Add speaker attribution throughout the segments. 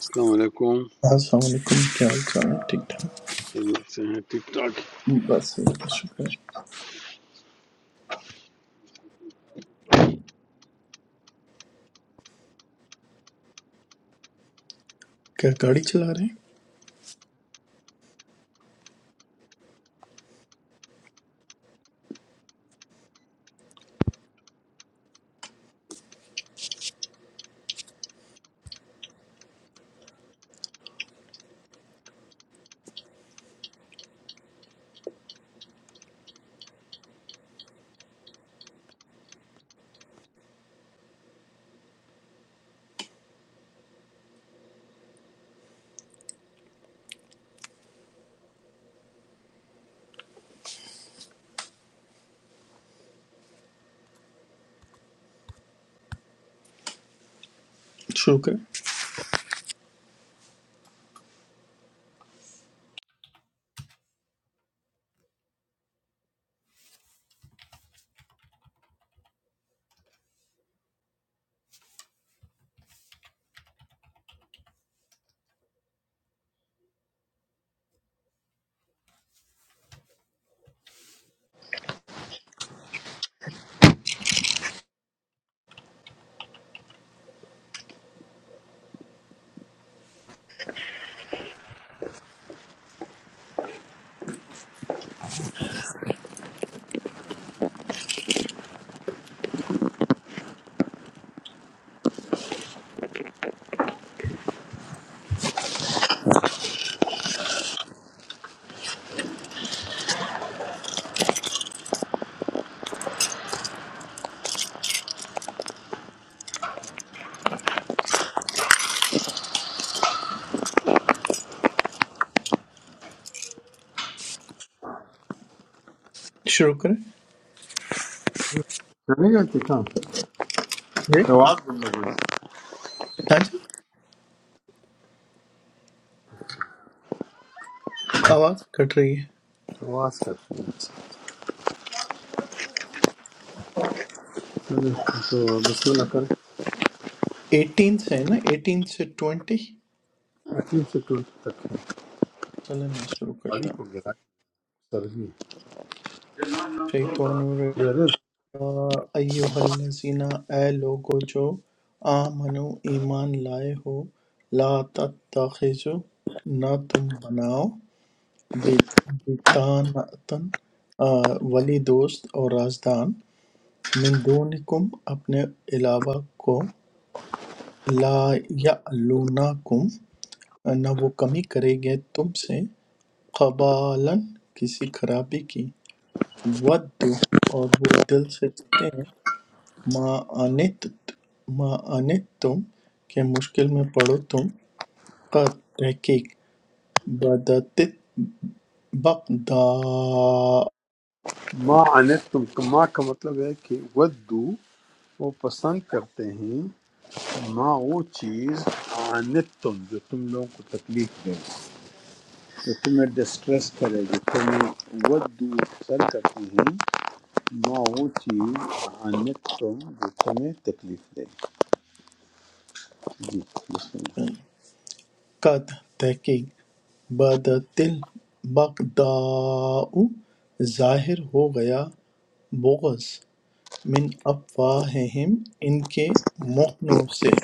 Speaker 1: السلام علیکم
Speaker 2: السلام علیکم کیا حال چال ہے ٹھیک ٹھاک
Speaker 1: خیریت سے ہیں ٹھیک ٹھاک
Speaker 2: بس اللہ کا شکر ہے کیا گاڑی چلا رہے ہیں شروع کریں شروع کریں
Speaker 1: چلے گا کہ کام
Speaker 2: جی
Speaker 1: آواز بند ہو گئی
Speaker 2: ہاں جی آواز کٹ رہی ہے
Speaker 1: آواز کر چلے، تو بسم اللہ کریں
Speaker 2: ایٹین سے ہے نا ایٹین سے ٹوینٹی
Speaker 1: عقیم سے ٹول تک
Speaker 2: چلے میں شروع کرتا
Speaker 1: تاریخ
Speaker 2: ہوں
Speaker 1: کو گرا سرزی
Speaker 2: شیطان
Speaker 1: غرض
Speaker 2: ایوہ الذین اے لوگو جو آمنو ایمان لائے ہو لا تتخذو نہ تم بناؤ بیتان ولی دوست اور رازدان من دونکم اپنے علاوہ کو لا یعلونکم نہ وہ کمی کریں گے تم سے قبالاً کسی خرابی کی ود اور وہ دل سے چاہتے ہیں ما انت ما انت تم کہ مشکل میں پڑو تم قد تحقیق بدت بغدا
Speaker 1: ما انت تم ما کا مطلب ہے کہ ودو وہ پسند کرتے ہیں ما وہ چیز انت تم جو تم لوگوں کو تکلیف دے جو تمہیں ڈسٹریس کرے جو تمہیں ودو پسند کرتے ہیں ما وہ چیز انت تم جو تمہیں تکلیف دے جی بسم اللہ
Speaker 2: قد تحقیق بدت البغداء ظاہر ہو گیا بغض من افواہہم ان کے منہوں سے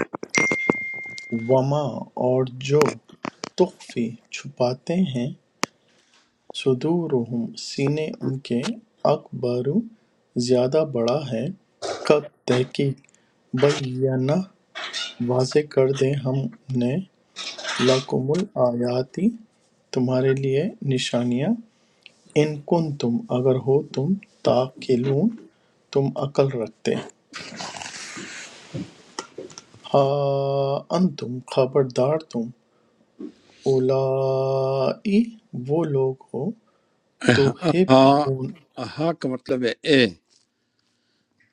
Speaker 2: وما اور جو تخفی چھپاتے ہیں صدورہم سینے ان کے اکبر زیادہ بڑا ہے کب تحقیق بیانہ واضح کر دیں ہم نے لکم الآیاتی تمہارے لیے نشانیاں ان کن تم اگر ہو تم تاقلون تم عقل رکھتے آ انتم خبردار تم اولائی وہ لوگ ہو تحبون
Speaker 1: ہاں ہاں کا مطلب ہے اے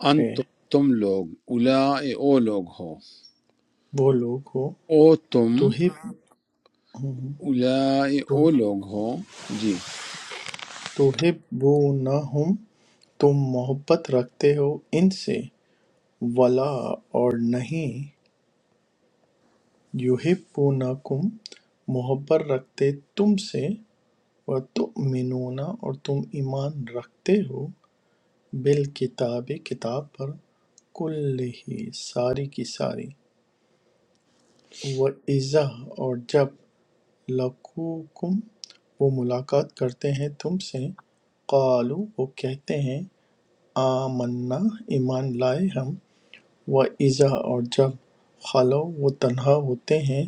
Speaker 1: ان
Speaker 2: اے،
Speaker 1: تم تم لوگ الا او لوگ ہو
Speaker 2: وہ لوگ ہو
Speaker 1: او تم
Speaker 2: تحب ہم،
Speaker 1: الا او
Speaker 2: تو-
Speaker 1: لوگ ہو جی
Speaker 2: تحبونہم تم محبت رکھتے ہو ان سے ولا اور نہیں یحبونکم محبت رکھتے تم سے وتؤمنون اور تم ایمان رکھتے ہو بالکتاب کتاب پر کلہ ساری کی ساری وَإِذَا اور جب لَقُوکُم وہ ملاقات کرتے ہیں تم سے قالو وہ کہتے ہیں آمنا ایمان لائے ہم وَإِذَا اور جب خلو وہ تنہا ہوتے ہیں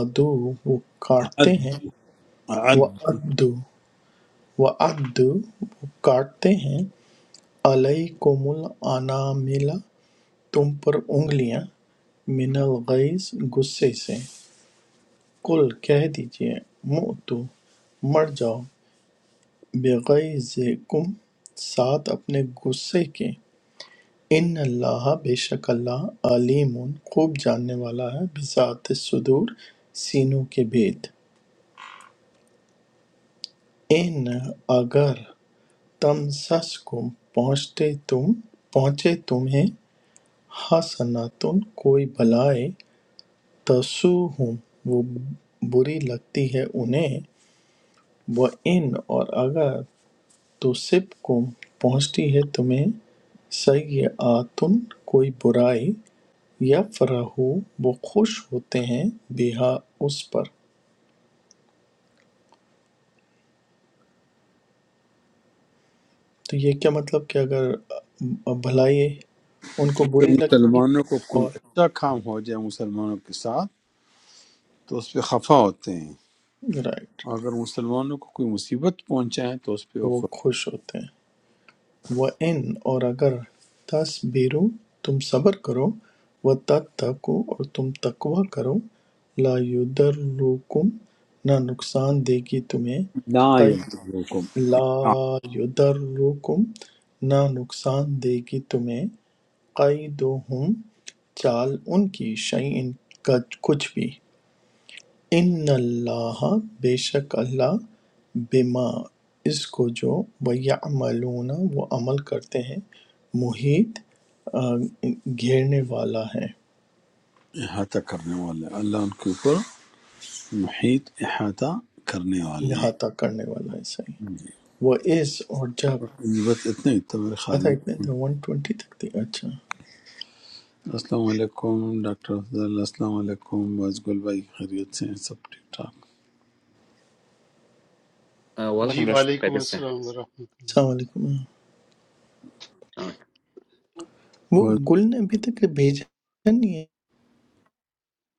Speaker 2: ادو وہ کاٹتے
Speaker 1: عد
Speaker 2: ہیں
Speaker 1: عد
Speaker 2: وَعَدُّ وَعَدُّ وہ کاٹتے ہیں علیکم الانامل تم پر انگلیاں من الغیظ غصے سے قل کہہ دیجئے موتو مر جاؤ بغیظکم ساتھ اپنے غصے کے ان اللہ بے شک اللہ علیم خوب جاننے والا ہے بذات صدور سینوں کے بھید ان اگر تم سس کو پہنچتے تم پہنچے تمہیں حسناتن کوئی بھلائی تَسُوءُہُمْ وہ بری لگتی ہے انہیں وَإِنْ اور اگر تُصِبْکُم پہنچتی ہے تمہیں سیئاتٌ کوئی برائی یفرحوا وہ خوش ہوتے ہیں بہا اس پر تو یہ کیا مطلب کہ اگر بھلائی ان کو
Speaker 1: اگر
Speaker 2: بری لگتی
Speaker 1: مسلمانوں کو
Speaker 2: ہے
Speaker 1: کوئی
Speaker 2: اور
Speaker 1: اچھا کام ہو جائے مسلمانوں کے ساتھ تو اس پہ خفا ہوتے ہیں
Speaker 2: رائٹ رائٹ
Speaker 1: اور اگر مسلمانوں کو کوئی مصیبت پہنچائے تو اس پہ
Speaker 2: تو
Speaker 1: وہ
Speaker 2: وہ
Speaker 1: خوش
Speaker 2: خوش ہوتے ہیں وَإِنْ اور اگر تَصْبِرُوا تم صبر کرو وَتَتَّقُوا اور تم تقوی کرو لَا يُضِرُّكُمْ نہ نقصان دے گی تمہیں
Speaker 1: لا
Speaker 2: قید
Speaker 1: یضرکم
Speaker 2: لَا يُضِرُّكُمْ نہ نقصان دے گی تمہیں قَیدُہُمْ چال ان کی شیئن کا کچھ بھی ان اللہ بے شک اللہ بما اس کو جو وَيَعْمَلُونَ وہ عمل کرتے ہیں محیط آ، گھیرنے والا ہے
Speaker 1: احاطہ کرنے والے اللہ ان کے اوپر محیط احاطہ کرنے والے ہیں
Speaker 2: احاطہ کرنے والا ہے صحیح وہ اس اور جب
Speaker 1: اور یہ بس اتنے ہی تھا میرے خیال
Speaker 2: آتا
Speaker 1: میں
Speaker 2: اتنے تھے ون ٹوینٹی تک تھی اچھا
Speaker 1: السلام علیکم ڈاکٹر افضل السلام علیکم واز گل بھائی خیریت سے ہیں سب ٹھیک ٹھاک
Speaker 3: Uh,
Speaker 4: جی
Speaker 3: Welcome, Rashid.
Speaker 4: وعلیکم
Speaker 3: خیریت سے ہیں؟
Speaker 4: السلام ورحمۃ
Speaker 2: السلام
Speaker 4: اللہ
Speaker 2: علیکم
Speaker 3: ہاں
Speaker 2: وہ
Speaker 1: اور
Speaker 2: گل نے ابھی تک بھیجا نہیں ہے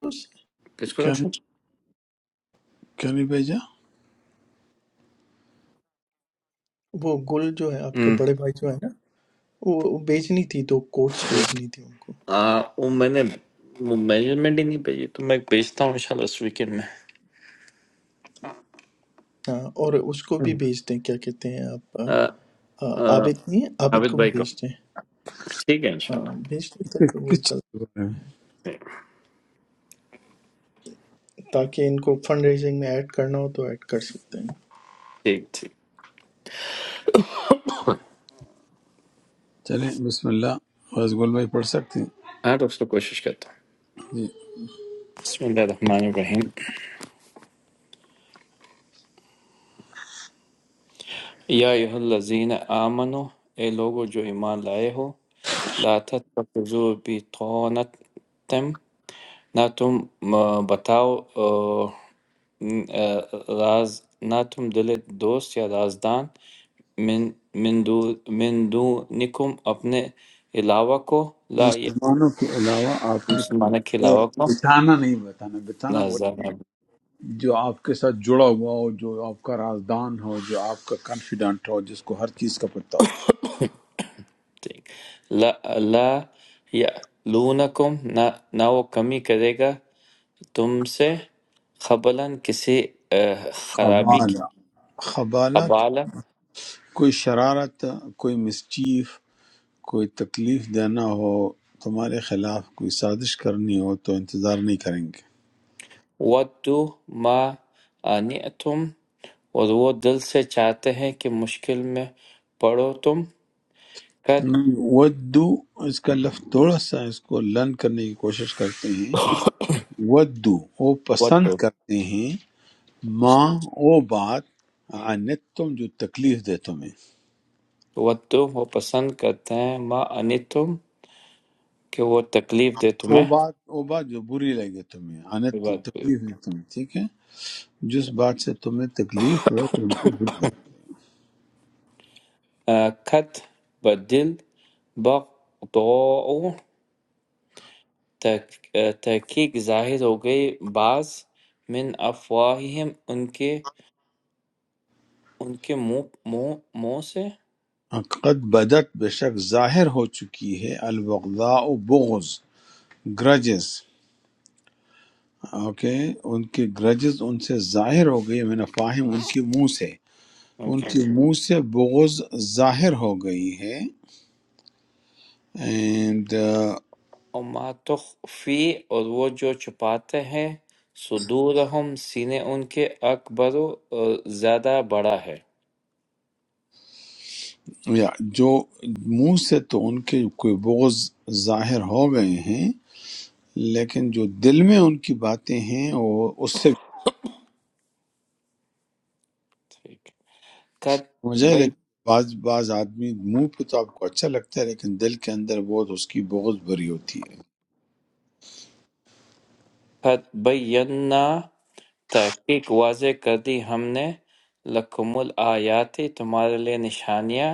Speaker 2: اس-
Speaker 3: کس
Speaker 1: کیا
Speaker 3: پروڈکشن
Speaker 1: کیا نہیں بھیجا
Speaker 2: وہ گل جو ہے آپ کے
Speaker 3: ہوں کو
Speaker 2: بڑے بھائی جو ہے نا وہ بھیجنی تھی دو کوٹس
Speaker 3: رکھوں ہم، cool.
Speaker 2: بھیجنی تھی ان کو
Speaker 3: آہ، وہ میں نے میجرمنٹ ہی نہیں بھیجی تو میں بھیجتا ہوں انشاءاللہ اس ویکینڈ میں
Speaker 2: ہاں اور اس کو
Speaker 3: ہم۔
Speaker 2: بھی بھیج دیں کیا کہتے ہیں آپ
Speaker 3: آہ،
Speaker 2: آ،
Speaker 3: آہ،
Speaker 2: عابد نہیں ہے عابد
Speaker 3: عابد
Speaker 2: کو بھی
Speaker 3: بھائی کو
Speaker 2: بھیج دیں
Speaker 3: ٹھیک ہے
Speaker 2: ہاں
Speaker 3: انشاءاللہ
Speaker 2: بھیج دیں
Speaker 1: کس
Speaker 2: تاکہ وہ
Speaker 1: کس
Speaker 2: چل
Speaker 1: چیز کے بارے میں
Speaker 3: ٹھیک
Speaker 2: تاکہ ان کو فنڈ ریزنگ میں ایڈ کرنا ہو تو ایڈ کر سکتے ہیں
Speaker 3: ٹھیک ٹھیک۔
Speaker 1: چلیں بسم اللہ واز گل بھائی پڑھ سکتے ہیں
Speaker 3: ہاں ڈاکٹر صاحب، کوشش کرتا ہوں
Speaker 1: جی
Speaker 3: بسم اللہ الرحمن الرحیم یا ایہا الذین آمنو اے لوگو جو ایمان لائے ہو لا تتخذوا بطانت نہ تم آ، بتاؤ آ، م، آ، راز نہ تم دل دوست یا رازدان من من دو- من دونکم اپنے علاوہ کو لا یہ
Speaker 1: مسلمانوں کے علاوہ آپ نے کسی
Speaker 3: مسلمانوں کے
Speaker 1: کو
Speaker 3: علاوہ کو
Speaker 1: بتانا نہیں بتانا بتانا وہ
Speaker 3: رازدان
Speaker 1: ہے
Speaker 3: آپ
Speaker 1: جو آپ کے ساتھ جڑا ہوا ہو جو آپ کا رازدان ہو جو آپ کا کانفیڈنٹ ہو جس کو ہر چیز کا پتہ ہو
Speaker 3: دیکھ۔ لا لا یعلونکم نہ نہ وہ کمی کرے گا تم سے خبلاً کسی آ، خرابی
Speaker 1: خبالہ
Speaker 3: کی
Speaker 1: خبالت کوئی شرارت کوئی مسچیف کوئی تکلیف دینا ہو، تمہارے خلاف کوئی سازش کرنی ہو تو انتظار نہیں کریں گے
Speaker 3: وَدُّوا مَا أَنِئْتُمْ اور وہ دل سے چاہتے ہیں کہ مشکل میں پڑو تم قد
Speaker 1: نہیں، ودو اس کا لفظ تھوڑا سا اس کو لرن کرنے کی کوشش کرتے ہیں ودو وہ پسند
Speaker 3: وَدُّوا
Speaker 1: کرتے ہیں ماں وہ بات انت تم جو تکلیف دے تمہیں
Speaker 3: وَدُّوا وہ پسند کرتے ہیں ما أَنِئْتُمْ کہ وہ تکلیف دے
Speaker 1: وہ
Speaker 3: تمہیں
Speaker 1: بات وہ بات جو بری لگے تمہیں انت
Speaker 3: یہ
Speaker 1: تم
Speaker 3: بات بھی-
Speaker 1: تکلیف دے تمہیں ٹھیک ہے جس بات سے تمہیں تکلیف ہو تم کو بری لگے
Speaker 3: آ، قد بدل بغضاء تک- آ، تحقیق ظاہر ہو گئی بعض من افواہہم ان کے ان کے منہ منہ منہ
Speaker 1: قد بدت بے شک ظاہر ہو چکی ہے البغضاء بغض گرجز اوکے ان کے گرجز ان سے ظاہر ہو گئی میں فاہم ان کے منہ سے ان
Speaker 3: سے
Speaker 1: کے منہ سے بغض ظاہر ہو گئی ہے اینڈ
Speaker 3: وَمَا تُخْفِي اور وہ جو چھپاتے ہیں صُدُورُہُمْ سینے ان کے اکبر زیادہ بڑا ہے
Speaker 1: یا جو منہ سے تو ان کے کوئی بغض ظاہر ہو گئے ہیں لیکن جو دل میں ان کی باتیں ہیں وہ اس سے
Speaker 3: ٹھیک۔ قَدْ
Speaker 1: مجھے
Speaker 3: بَی-
Speaker 1: لیکن بعض بعض آدمی منہ پہ تو آپ کو اچھا لگتا ہے لیکن دل کے اندر بہت اس کی بغض بری ہوتی ہے
Speaker 3: قَدْ بَيَّنَّا تحقیق واضح کر دی ہم نے لَكُمُ الْآيَاتِ تمہارے لیے نشانیاں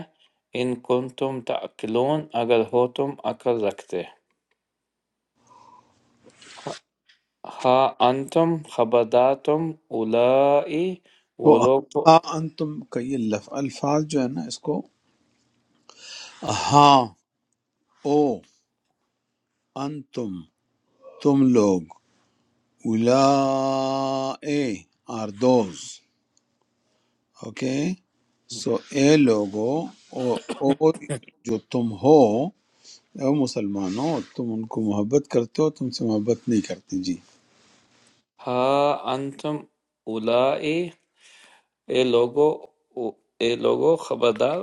Speaker 3: ان کن تم تعقلون اگر ہو تم عقل رکھتے ہاں انتم خبردار تم اولائی
Speaker 1: تو
Speaker 3: وہ لوگ تو
Speaker 1: آ انتم کا یہ لف- الفاظ جو ہے نا اس کو ہاں او انتم تم لوگ اولائے آر دوز اوکے سو اے لوگو او او جو تم ہو اے مسلمانوں تم ان کو محبت کرتے ہو تم سے محبت نہیں کرتے جی
Speaker 3: ہا انتم اولائی اے لوگو اے لوگو خبردار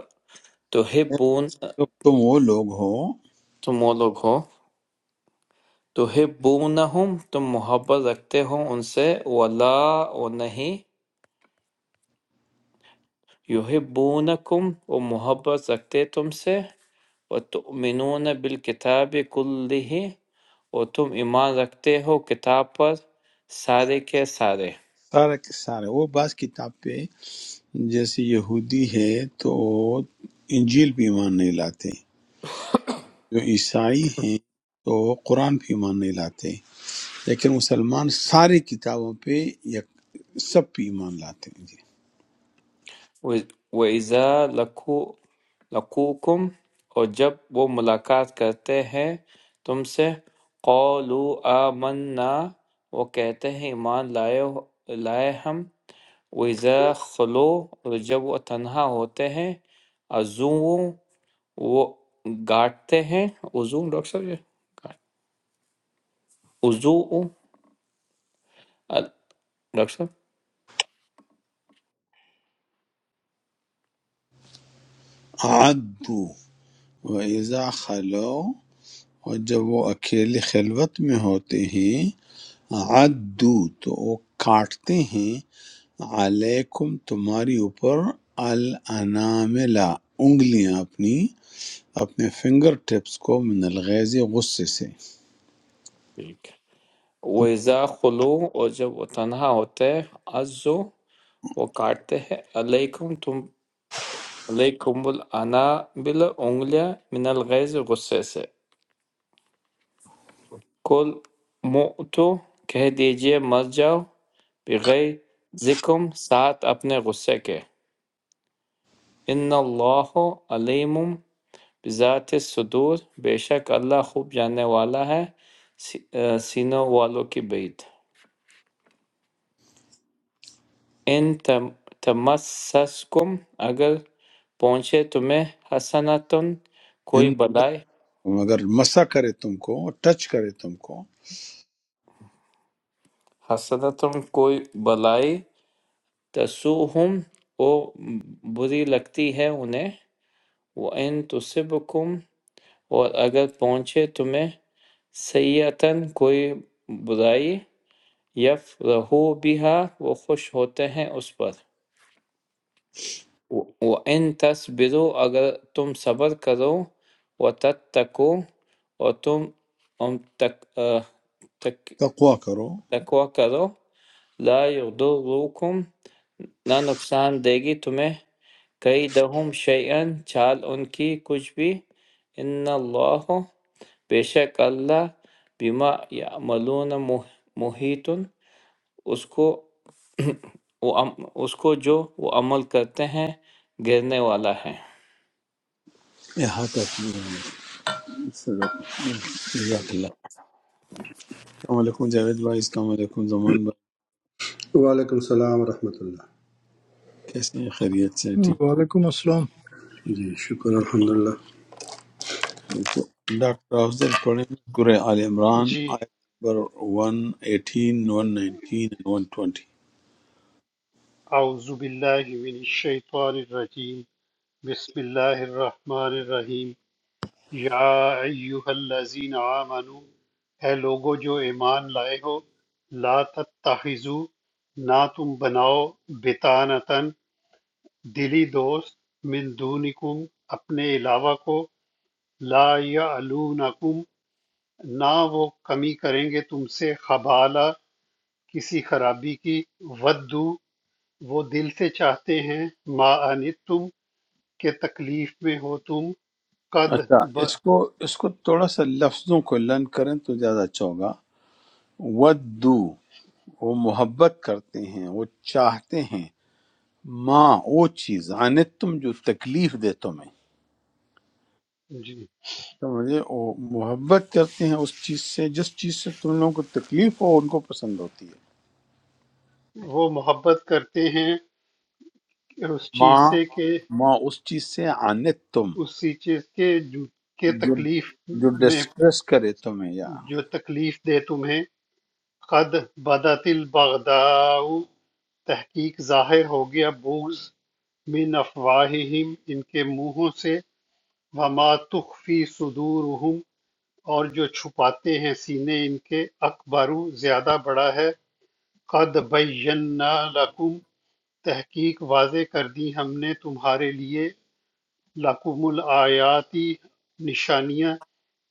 Speaker 1: اے
Speaker 3: تحبون
Speaker 1: لوگ، تم وہ لوگ ہو
Speaker 3: تم وہ لوگ ہو تحبونہم تم محبت رکھتے ہو ان سے ولا و نہیں یحبونکم وہ محبت رکھتے تم سے وتؤمنون بالکتاب کلہ اور تم ایمان رکھتے ہو کتاب پر سارے کے سارے
Speaker 1: سارے کے سارے وہ بعض کتاب پہ جیسے یہودی ہے تو انجیل پہ ایمان نہیں لاتے جو عیسائی ہیں تو قرآن پہ ایمان نہیں لاتے لیکن مسلمان ساری کتابوں پہ یا سب پہ ایمان لاتے ہیں جی
Speaker 3: وَإِذَا لَقُو- لَقُوكُمْ اور جب وہ ملاقات کرتے ہیں تم سے قَالُوا آمَنَّا وہ کہتے ہیں ایمان لائے لائے ہم وَإِذَا خلو اور جب وہ تنہا ہوتے ہیں عزو وہ گاٹتے ہیں عزو ڈاکٹر صاحب یہ عزو ڈاکٹر صاحب
Speaker 1: عدو و ایزا خلو اور جب وہ اکیلے خلوت میں ہوتے ہیں عدو تو وہ کاٹتے ہیں علیکم تمہاری اوپر الاناملا انگلیاں اپنی اپنے فنگر ٹپس کو من الغیز غصے سے
Speaker 3: ٹھیک ہے وَإِذَا خُلُوا اور جب وہ تنہا ہوتے ہیں عَزُّوا وہ کاٹتے ہیں علیکم تم علیکم الانابل انگلیاں من الغیظ غصے سے کل مؤتو کہہ دیجئے مر جاؤ بغیر ذکم ساتھ اپنے غصے کے ان اللہ علیم بذات الصدور بے شک اللہ خوب جاننے والا ہے سی- آ، سینوں والوں کی بعید ان تم- تمسسکم اگر پہنچے تمہیں حسنتن کوئی
Speaker 1: ان
Speaker 3: بلائی
Speaker 1: اگر مسا کرے تم کو ٹچ کرے تم کو
Speaker 3: حسنتن کوئی بلائی تسوہم وہ بری لگتی ہے انہیں وہ ان تصبکم اور اگر پہنچے تمہیں سیئتن کوئی برائی یف رہو بیہا وہ خوش ہوتے ہیں اس پر وَإِن تَصْبِرُوا اگر تم صبر کرو وَتَتَّقُوا اور تم ام تق, آ، تق,
Speaker 1: تقوا کرو
Speaker 3: تقوی کرو لا يضركم نہ نقصان دے گی تمہیں کئی دہم شیئن چال ان کی کچھ بھی ان اللہ بے شک اللہ بما یعملون مح- محیط اس کو وہ عم- اس کو جو وہ عمل کرتے ہیں گرنے والا ہے
Speaker 1: احاطہ کیے صدق جزاک اللہ السلام علیکم جاوید بھائی السلام علیکم زمان بھائی
Speaker 5: وعلیکم السلام ورحمۃ اللہ
Speaker 1: کیسے ہیں خیریت سے ٹھیک
Speaker 6: وعلیکم السلام
Speaker 5: جی شکر الحمد للہ
Speaker 1: اچھا، ڈاکٹر افضل پڑھیں سورہ آل عمران
Speaker 4: جی
Speaker 1: آیت نمبر 118 119 and 120
Speaker 4: اعوذ باللہ من الشیطان الرجیم بسم اللہ الرحمن الرحیم یا ایہا الذین آمنو اے لوگو جو ایمان لائے ہو لا تتخذو نہ تم بناؤ بتانتن دلی دوست من دونکم اپنے علاوہ کو لا یعلونکم نہ وہ کمی کریں گے تم سے خبالہ کسی خرابی کی ودو وہ دل سے چاہتے ہیں ما آنت تم کہ تکلیف میں ہو تم قد
Speaker 1: اچھا
Speaker 4: ب...
Speaker 1: اس کو اس کو تھوڑا سا لفظوں کو لرن کریں تو زیادہ اچھا ہوگا ودو وہ محبت کرتے ہیں وہ چاہتے ہیں ماں وہ چیز آنے تم جو تکلیف دے تمہیں
Speaker 4: جی
Speaker 1: سمجھے وہ محبت کرتے ہیں اس چیز سے جس چیز سے تم لوگوں کو تکلیف ہو ان کو پسند ہوتی ہے
Speaker 4: وہ محبت کرتے ہیں اس
Speaker 1: ماں
Speaker 4: چیز سے کہ
Speaker 1: ماں اس چیز سے آنت تم
Speaker 4: اسی چیز کے جو کے
Speaker 1: جو
Speaker 4: تکلیف
Speaker 1: جو
Speaker 4: میں
Speaker 1: ڈسٹریس کرے تمہیں یا
Speaker 4: جو تکلیف دے تمہیں قد بدت البغداء تحقیق ظاہر ہو گیا بغض من افواہہم ان کے منہوں سے وما تخفی صدورہم اور جو چھپاتے ہیں سینے ان کے اکبر زیادہ بڑا ہے قد بینا لکم تحقیق واضح کر دی ہم نے تمہارے لیے لکم الآیاتی نشانیاں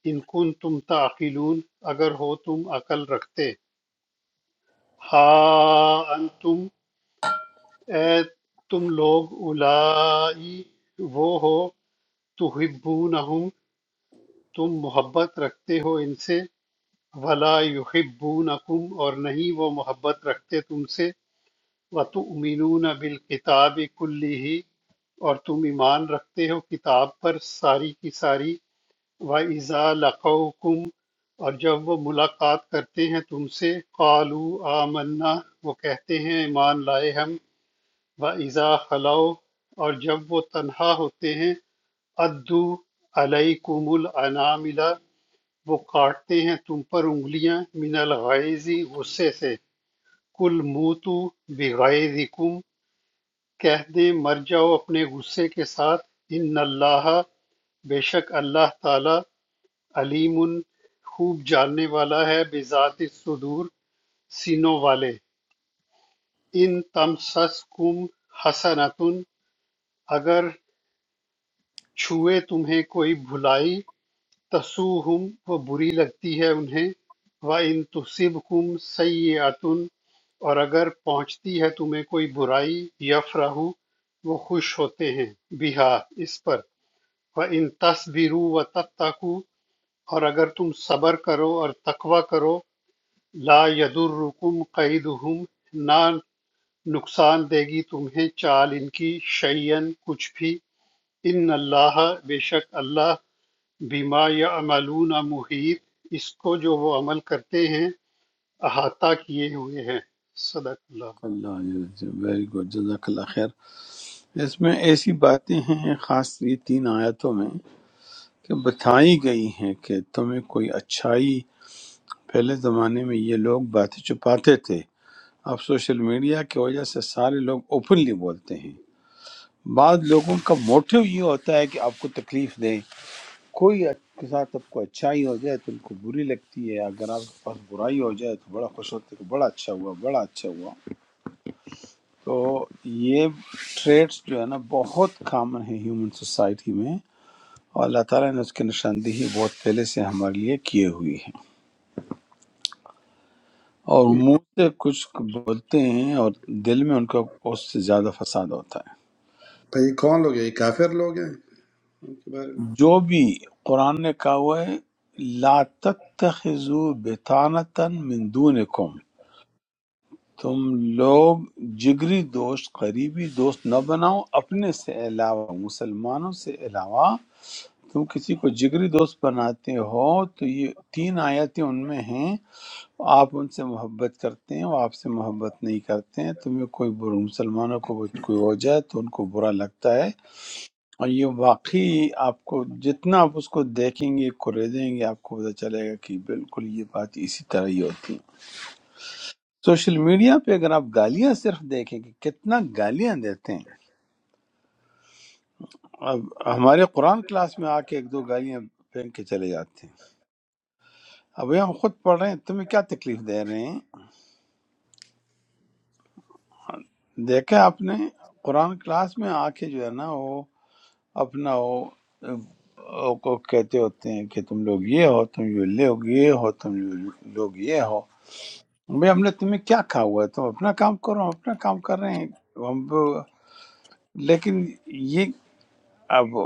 Speaker 4: ان کن تم تعقلون اگر ہو تم عقل رکھتے ہا انتم اے تم لوگ اولائی وہ ہو تحبونہم تم محبت رکھتے ہو ان سے ولا یحبونکم اور نہیں وہ محبت رکھتے تم سے وتؤمنون بالکتاب کلیہ اور تم ایمان رکھتے ہو کتاب پر ساری کی ساری وَإِذَا لَقَوْكُمْ اور جب وہ ملاقات کرتے ہیں تم سے قَالُوا آمَنَّا وہ کہتے ہیں ایمان لائے ہم وَإِذَا خَلَوْا اور جب وہ تنہا ہوتے ہیں عَدُّوا عَلَيْكُمُ الْأَنَامِلَ وہ کاٹتے ہیں تم پر انگلیاں من الغائز غصے سے کل موتو بغائزکم کہہ دیں مر جاؤ اپنے غصے کے ساتھ ان اللہ بے شک اللہ تعالی علیم خوب جاننے والا ہے بذات صدور سینوں والے ان تم سس کم حسنتن اگر چھوئے تمہیں کوئی بھلائی تَسُوہُم وہ بری لگتی ہے انہیں وَإِن تُصِبْکُم سَیِّئَۃٌ اور اگر پہنچتی ہے تمہیں کوئی برائی یفرحوا وہ خوش ہوتے ہیں بہا اس پر وَإِن تَصْبِرُوا وَتَتَّقُوا اور اگر تم صبر کرو اور تقوی کرو لا يَضُرُّكُمْ قَیدُہم نہ نقصان دے گی تمہیں چال ان کی شیئن کچھ بھی ان اللہ بے شک اللہ بیما یا عملون محیط اس کو جو وہ عمل کرتے ہیں احاطہ کیے ہوئے ہیں صدق
Speaker 1: اللہ ویری گڈ جزاک اللہ خیر اس میں ایسی باتیں ہیں خاص یہ تین آیتوں میں کہ بتائی گئی ہیں کہ تمہیں کوئی اچھائی پہلے زمانے میں یہ لوگ باتیں چھپاتے تھے اب سوشل میڈیا کی وجہ سے سارے لوگ اوپنلی بولتے ہیں بعض لوگوں کا موٹیو یہ ہوتا ہے کہ آپ کو تکلیف دیں کوئی کے ساتھ آپ کو اچھائی ہو جائے تو ان کو بری لگتی ہے اگر آپ کے پاس برائی ہو جائے تو بڑا خوش ہوتے ہیں کہ بڑا اچھا ہوا بڑا اچھا ہوا تو یہ ٹریٹس جو ہے نا بہت کامن ہے ہیومن سوسائٹی میں اور اللہ تعالیٰ نے اس کی نشاندہی بہت پہلے سے ہمارے لیے کیے ہوئی ہے اور منہ سے کچھ بولتے ہیں اور دل میں ان کا اس سے زیادہ فساد ہوتا ہے
Speaker 5: یہ کون لوگ ہیں یہ کافر لوگ ہیں ان کے بارے
Speaker 1: جو بھی قرآن نے کہا ہوا ہے لا تتخذوا بطانتا من دونکم تم لوگ جگری دوست قریبی دوست نہ بناؤ اپنے سے علاوہ مسلمانوں سے علاوہ تم کسی کو جگری دوست بناتے ہو تو یہ تین آیتیں ان میں ہیں آپ ان سے محبت کرتے ہیں وہ آپ سے محبت نہیں کرتے ہیں تمہیں کوئی بر- مسلمانوں کو کوئی ہو جائے تو ان کو برا لگتا ہے اور یہ واقعی آپ کو جتنا آپ اس کو دیکھیں گے کریدیں گے آپ کو پتہ چلے گا کہ بالکل یہ بات اسی طرح ہی ہوتی ہے سوشل میڈیا پہ اگر آپ گالیاں صرف دیکھیں کہ کتنا گالیاں دیتے ہیں اب ہمارے قرآن کلاس میں آ کے ایک دو گالیاں پھینک کے چلے جاتے ہیں اب یہ ہم خود پڑھ رہے ہیں تمہیں کیا تکلیف دے رہے ہیں دیکھا آپ نے قرآن کلاس میں آ کے جو ہے نا وہ اپنا وہ وہ کو کہتے ہوتے ہیں کہ تم لوگ یہ ہو تم یہ لوگ یہ ہو تم لوگ یہ ہو بھائی ہم نے تمہیں کیا کہا ہوا ہے تم اپنا کام کرو ہم اپنا کام کر رہے ہیں ہم لیکن یہ اب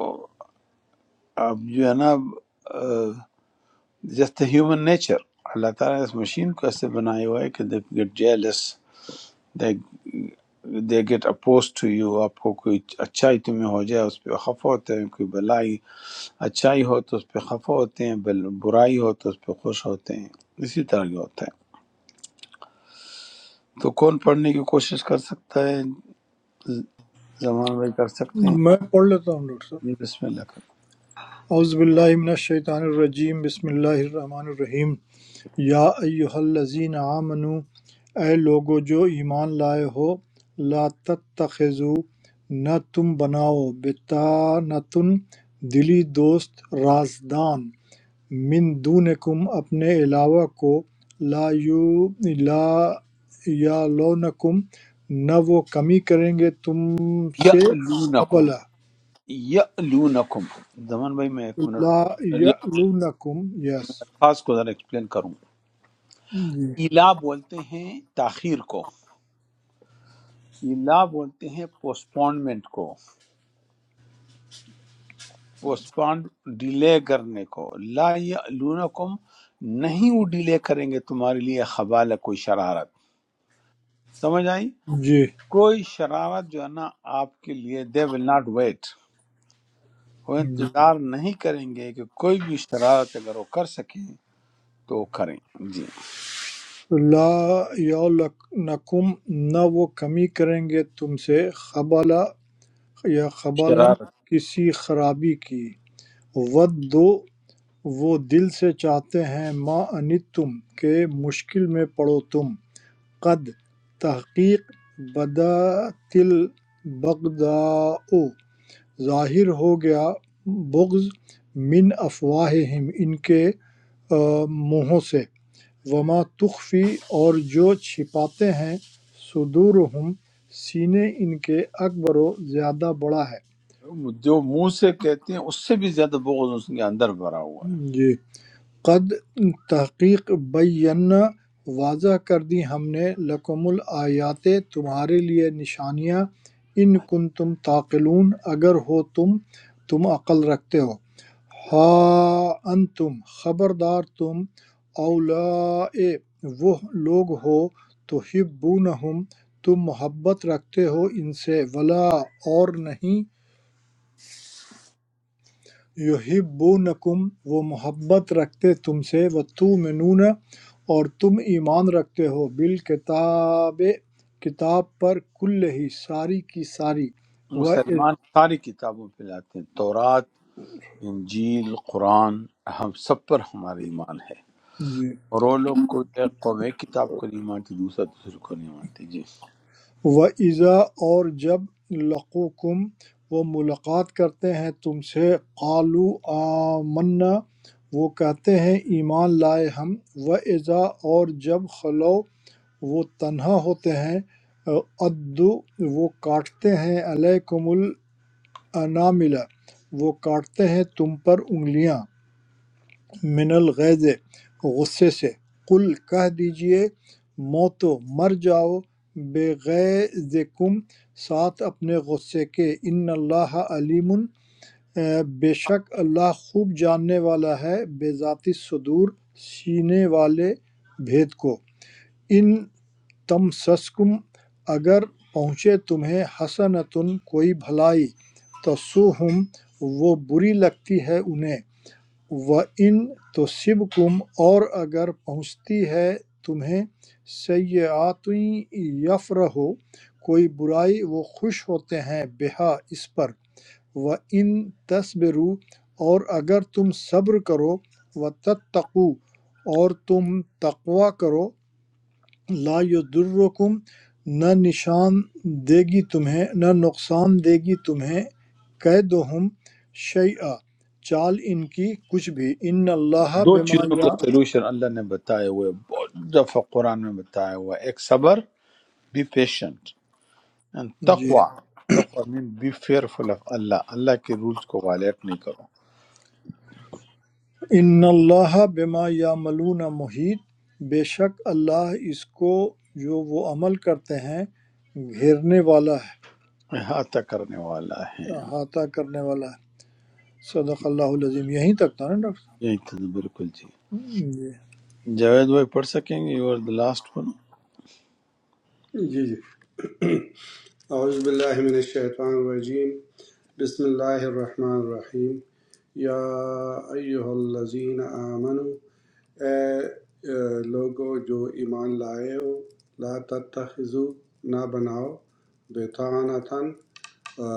Speaker 1: اب جو ہے نا جسٹ ہیومن نیچر اللہ تعالیٰ نے اس مشین کو ایسے بنایا ہوا ہے کہ they get jealous they they get oppose to you آپ کو کوئی اچھائی تمہیں ہو جائے اس پہ خفا ہوتے ہیں کوئی بلائی اچھائی ہو تو اس پہ خفا ہوتے ہیں بل برائی ہو تو اس پہ خوش ہوتے ہیں اسی طرح یہ ہوتا ہے تو کون پڑھنے کی کوشش کر سکتا ہے زمان میں کر سکتے ہیں
Speaker 6: میں پڑھ لیتا ہوں ڈاکٹر
Speaker 1: جی
Speaker 6: صاحب
Speaker 1: بسم اللہ کریں
Speaker 6: اعوذ باللہ من الشیطان الرجیم بسم اللہ الرحمن الرحیم یا ایہا الذین آمنو اے لوگو جو ایمان لائے ہو لا تتخذو نہ تم بناؤ بتانتن دلی دوست رازدان مِن دُونِکُمْ اپنے علاوہ کو لَا لا یَعْلُونَکُم نہ وہ کمی کریں گے تم سے
Speaker 1: یعلونکم
Speaker 6: خبلہ
Speaker 1: یعلونکم زمان بھائی میں ایک منٹ
Speaker 6: لَا
Speaker 1: کو یہ
Speaker 6: یَعْلُونَکُم یس
Speaker 1: الفاظ کو ذرا ایکسپلین کروں
Speaker 6: جی
Speaker 1: الا بولتے ہیں تاخیر کو الا بولتے ہیں پوسپونمنٹ کو پوسپون ڈیلے کرنے کو لا یعلونکم نہیں وہ ڈیلے کریں گے تمہارے لیے خبال کوئی شرارت سمجھ آئی
Speaker 6: جی
Speaker 1: کوئی شرارت جو ہے نا آپ کے لیے دے ول ناٹ ویٹ وہ
Speaker 6: جی
Speaker 1: انتظار نہیں کریں گے کہ کوئی بھی شرارت اگر وہ کر سکیں تو وہ کریں جی
Speaker 6: لَا یَعْلُونَکُم نہ وہ کمی کریں گے تم سے خبلہ یا خبلاً
Speaker 1: شرارت
Speaker 6: کسی خرابی کی ودّ وہ دل سے چاہتے ہیں ما اَنِتْتُم کہ مشکل میں پڑو تم قد تحقیق بدت البغضاء ظاہر ہو گیا بغض من افواہہم ان کے آ، منہوں سے وما تخفی اور جو چھپاتے ہیں صدورہم سینے ان کے اکبر و زیادہ بڑا ہے
Speaker 1: جو منہ سے کہتے ہیں اس سے بھی زیادہ بغض اس کے اندر بھرا ہوا ہے
Speaker 6: جی قد تحقیق بینا واضح کر دی ہم نے لکم الآیات تمہارے لیے نشانیاں ان کن تم تعقلون اگر ہو تم تم عقل رکھتے ہو ہا انتم خبردار تم اولا وہ لوگ ہو تو ہبونہم تم محبت رکھتے ہو ان سے ولا اور نہیں یحبونکم وہ محبت رکھتے تم سے وتؤمنون اور تم ایمان رکھتے ہو بالکتاب کتاب پر کل ہی ساری کی ساری و
Speaker 1: مسلمان
Speaker 6: جی
Speaker 1: ساری کتابوں پہ لاتے ہیں تورات انجیل قرآن ہم سب پر ہمارا ایمان ہے اور وہ لوگ کوئی ایک قوم ایک کتاب کو نہیں مانتی دوسرا دوسرے کو نہیں مانتی جی
Speaker 6: وَإِذَا اور جب لقوکم وہ ملاقات کرتے ہیں تم سے قالو آمنا وہ کہتے ہیں ایمان لائے ہم وَإِذَا اور جب خلو وہ تنہا ہوتے ہیں عَدُّ وہ کاٹتے ہیں عَلَیکُمُ الْأَنَامِلَ وہ کاٹتے ہیں تم پر انگلیاں مِنَ الْغَیظِ غصے سے قُل کہہ دیجئے موتو مر جاؤ بِغَیظِکُم ساتھ اپنے غصے کے ان اللہ علیم بے شک اللہ خوب جاننے والا ہے بذات الصدور سینے والے بھید کو ان تم سسکم اگر پہنچے تمہیں حسنۃ کوئی بھلائی تسوہم وہ بری لگتی ہے انہیں وَإِن تُصِبْكُمْ اور اگر پہنچتی ہے تمہیں سیئاتٌ یفرحوا کوئی برائی وہ خوش ہوتے ہیں بہا اس پر وَإِن تَصْبِرُوا اور اگر تم صبر کرو وَتَتَّقُوا اور تم تقوی کرو لا یضرکم نہ نشان دے گی تمہیں نہ نقصان دے گی تمہیں قیدہم شیئا چال ان کی کچھ بھی ان اللہ
Speaker 1: دو
Speaker 6: بما
Speaker 1: چیزوں کا
Speaker 6: یا
Speaker 1: سلوشن اللہ نے بتایا ہوا ہے بہت دفعہ قرآن میں بتایا ہوا ہے ایک صبر بی پیشنٹ And
Speaker 6: جی
Speaker 1: تقوی تقوی مین بی فیئرفل آف اللہ اللہ کے رولز کو وائلیٹ نہیں کرو
Speaker 6: ان اللہ بما یعملون محیط بے شک اللہ اس کو جو وہ عمل کرتے ہیں گھیرنے والا ہے
Speaker 1: احاطہ کرنے والا ہے
Speaker 6: احاطہ کرنے والا ہے صدق اللہ العظیم یہیں تک تھا نا ڈاکٹر صاحب
Speaker 1: یہی تھا بالکل جی
Speaker 6: جی
Speaker 1: جاوید بھائی پڑھ سکیں گے you are the last one
Speaker 5: میں جی جی اعوذ باللہ من الشیطان الرجیم بسم اللہ الرحمن الرحیم یا ایہا الذین آمنو اے اے لوگو جو ایمان لائے ہو لا تتخذو نہ بناؤ بیتانتاً آ،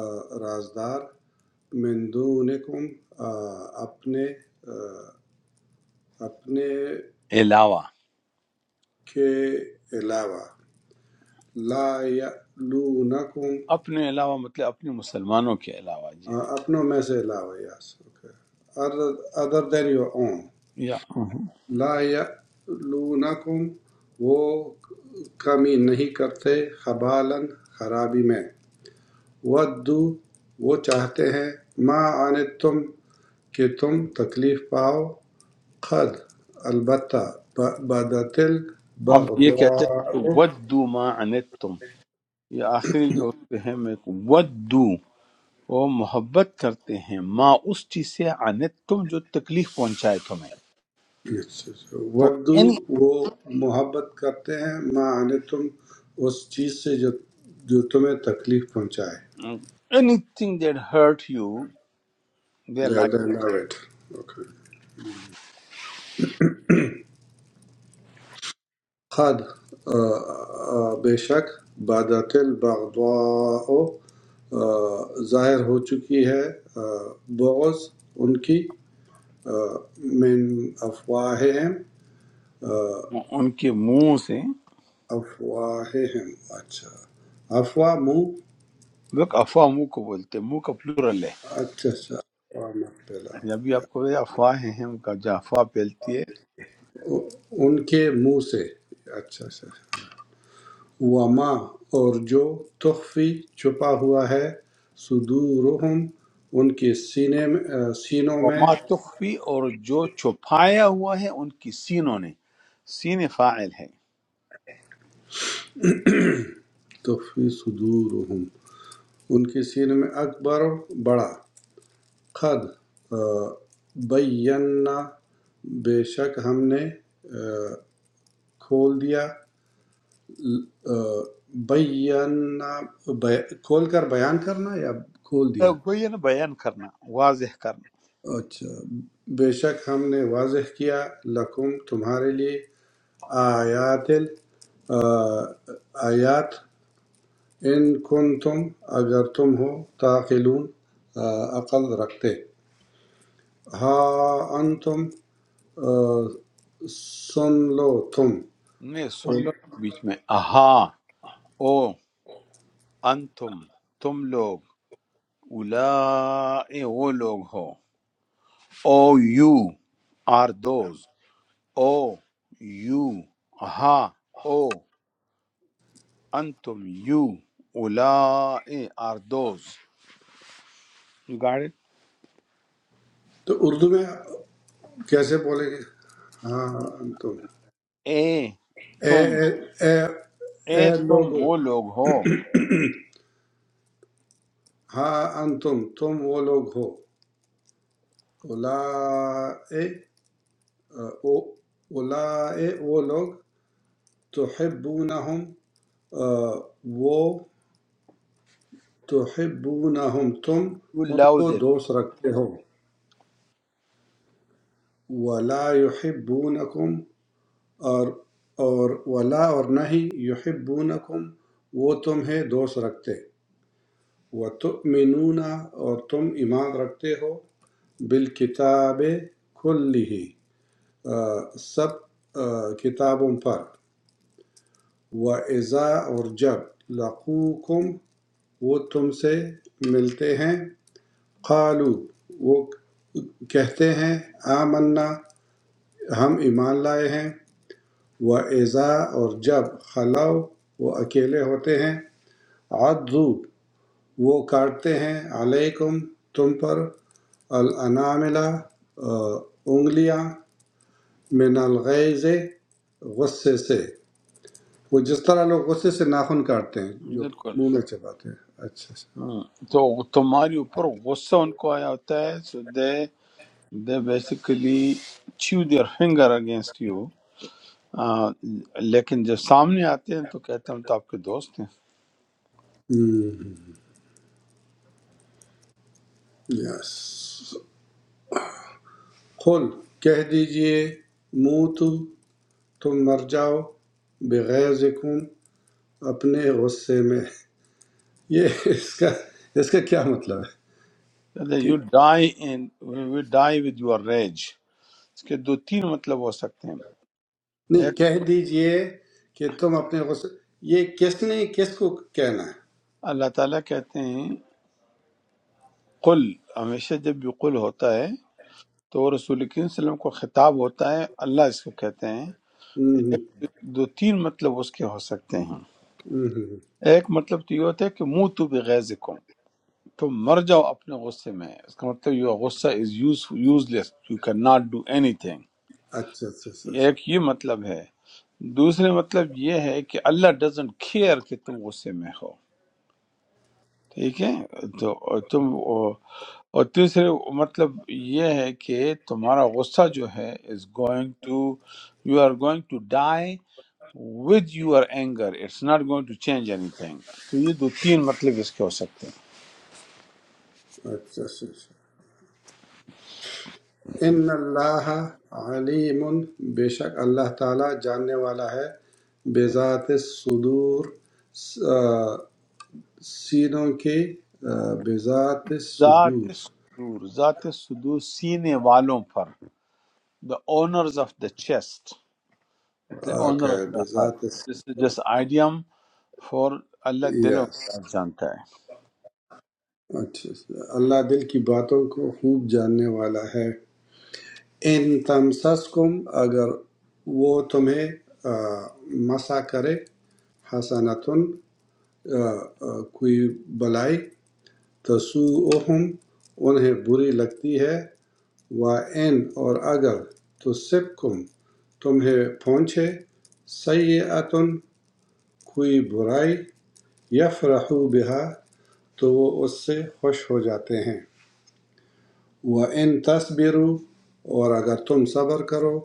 Speaker 5: رازدار من دونکم آ، اپنے آ، اپنے
Speaker 1: علاوہ
Speaker 5: کے علاوہ لا یعلونکم
Speaker 1: اپنے علاوہ مطلب اپنے مسلمانوں کے علاوہ جی
Speaker 5: اپنوں میں سے علاوہ yes okay other than your own
Speaker 1: یا
Speaker 5: لا یعلونکم وہ کمی نہیں کرتے خبالن خرابی میں ودو وہ چاہتے ہیں ما آنے تم کہ تم تکلیف پاؤ قد البتہ بدتل
Speaker 1: اب یہ کہتے ہیں
Speaker 5: بغضاء
Speaker 1: ودو ما عنتم یہ آخری جو اس پہ ہے میں ودو وہ محبت کرتے ہیں ما اس چیز سے عنتم جو تکلیف پہنچائے تمہیں
Speaker 5: اچھا اچھا۔
Speaker 1: تو
Speaker 5: ودو
Speaker 1: اینی
Speaker 5: وہ محبت کرتے ہیں ما آنے تم اس چیز سے جو جو تمہیں تکلیف پہنچائے
Speaker 1: anything that hurt you دے اللہ
Speaker 5: زیادہ نہ ویٹ اوکے خد آ، آ، بے شک بادت البغضاء آ، ظاہر ہو چکی ہے آ، بغض ان کی آ، من افواہہم
Speaker 1: کے- ان کے منہ سے
Speaker 5: افواہہم اچھا افواہ منہ
Speaker 1: لوگ افواہ منہ کو بولتے ہیں، منہ کا پلورل ہے
Speaker 5: اچھا اچھا افواہ مت
Speaker 1: ابھی
Speaker 5: پھیلاؤ
Speaker 1: آپ کو یہ افواہیں ہیں ان کا جو افواہ پھیلتی ہے
Speaker 5: ان کے منہ سے اچھا اچھا اچھا۔ وما اور جو تخفی چھپا ہوا ہے صدورہم ان کے سینے میں آ، سینوں میں
Speaker 1: وما تخفی اور جو چھپایا ہوا ہے ان کی سینوں نے سین فاعل ہے
Speaker 5: تخفی صدورہم ان کے سینے میں اکبر بڑا قد آ، بینا بے شک ہم نے آ، کھول دیا آ، بینا بی- کھول کر بیان کرنا یا کھول
Speaker 1: اے
Speaker 5: دیا
Speaker 1: کوئی نا بیان کرنا واضح کرنا
Speaker 5: اچھا بے شک ہم نے واضح کیا لکم تمہارے لیے آیات ال- آ، آیات ان کن تم اگر تم ہو تاخلون عقل رکھتے ہا ان تم سن لو تم
Speaker 1: نہیں سن لو
Speaker 5: اور-
Speaker 1: بیچ میں اہا او انتم تم لوگ اولائے وہ لوگ ہو oh you are those oh you ہا او انتم یو اولائے are those you got it
Speaker 5: تو اردو میں کیسے بولیں گے ہاں انتم
Speaker 1: اے
Speaker 5: اے
Speaker 1: تم
Speaker 5: اے اے اے
Speaker 1: اے تم
Speaker 5: لوگو
Speaker 1: وہ لوگ ہو
Speaker 5: ہاں انتم تم وہ لوگ ہو اولا اولائے وہ لوگ تحبونہم آ، وہ تحبونہم تم
Speaker 1: یو
Speaker 5: ان
Speaker 1: لو
Speaker 5: کو
Speaker 1: دم
Speaker 5: دوست رکھتے ہو ولا یحبونکم اور اور ولا اور نہیں یحبونکم وہ تمہیں دوست رکھتے وتؤمنون اور تم ایمان رکھتے ہو بالکتاب کلی سب آ، کتابوں پر وَإِذَا اور جب لَقُوكُمْ وہ تم سے ملتے ہیں قالو وہ کہتے ہیں آمنا ہم ایمان لائے ہیں وَإِذَا اور جب خلو وہ اکیلے ہوتے ہیں عضو وہ کاٹتے ہیں علیکم تم پر الاناملہ آ، انگلیاں من الغیز غصے سے وہ جس طرح لوگ غصے سے ناخن کاٹتے ہیں جو
Speaker 1: بالکل
Speaker 5: منہ میں چباتے ہیں اچھا اچھا
Speaker 1: ہم، تو تمہارے اوپر غصہ ان کو آیا ہوتا ہے so they they basically chew their finger against you لیکن جب سامنے آتے ہیں تو کہتے ہیں ہم تو آپ کے دوست ہیں
Speaker 5: یس قل کہہ دیجئے منہ تو تم مر جاؤ بغیر ذکم اپنے غصے میں یہ اس کا اس کا کیا مطلب ہے
Speaker 1: کہتے ہیں
Speaker 5: کہ
Speaker 1: you die in we die with your rage اس کے دو تین مطلب ہو سکتے ہیں
Speaker 5: نہیں
Speaker 1: ایک
Speaker 5: کہہ دیجئے کہ تم اپنے غصے یہ کس نے کس کو کہنا ہے
Speaker 1: اللہ تعالیٰ کہتے ہیں قل ہمیشہ جب بھی قل ہوتا ہے تو وہ رسول کریم صلی اللہ علیہ وسلم کو خطاب ہوتا ہے اللہ اس کو کہتے ہیں
Speaker 5: ہوں،
Speaker 1: دو تین مطلب اس کے ہو سکتے ہیں
Speaker 5: ہوں، ہوں، ہوں۔
Speaker 1: ایک مطلب تو یہ ہوتا ہے کہ منہ تو بغیظکم تم مر جاؤ اپنے غصے میں اس کا مطلب یہ غصہ is useless you can not do anything
Speaker 5: اچھا اچھا اچھا
Speaker 1: ایک
Speaker 5: اچھا
Speaker 1: یہ مطلب ہے دوسرے مطلب یہ ہے کہ اللہ ڈزنٹ کیئر کہ تم غصے میں ہو ٹھیک ہے تو اور تم وہ- اور تیسرے مطلب یہ ہے کہ تمہارا غصہ جو ہے is going to you are going to die with your anger it's not going to change anything تو یہ دو تین مطلب اس کے ہو سکتے ہیں
Speaker 5: اچھا اچھا اچھا۔ ان اللہ علیم بے شک اللہ تعالیٰ جاننے والا ہے بے ذات صدور آ، سینوں کے آ، بے ذات
Speaker 1: ذات
Speaker 5: صدور
Speaker 1: صدور ذات صدور سینے والوں پر the owners of the chest مطلب
Speaker 5: اوکے
Speaker 1: اونر آف دا
Speaker 5: بے
Speaker 1: ہارٹ
Speaker 5: ذات
Speaker 1: جس جس آئیڈیم فور اللہ دلوں
Speaker 5: یس
Speaker 1: کا راز جانتا ہے
Speaker 5: اچھا اللہ دل کی باتوں کو خوب جاننے والا ہے ان تمسسکم اگر وہ تمہیں آ، مسا کرے حسنتن آ، آ، کوئی بلائی تسوؤہم انہیں بری لگتی ہے وَإِنْ اور اگر تصبکم تمہیں پہنچے سیئتن کوئی برائی یفرحو بہا تو وہ اس سے خوش ہو جاتے ہیں وَإِنْ تَصْبِرُوا اور اگر تم صبر کرو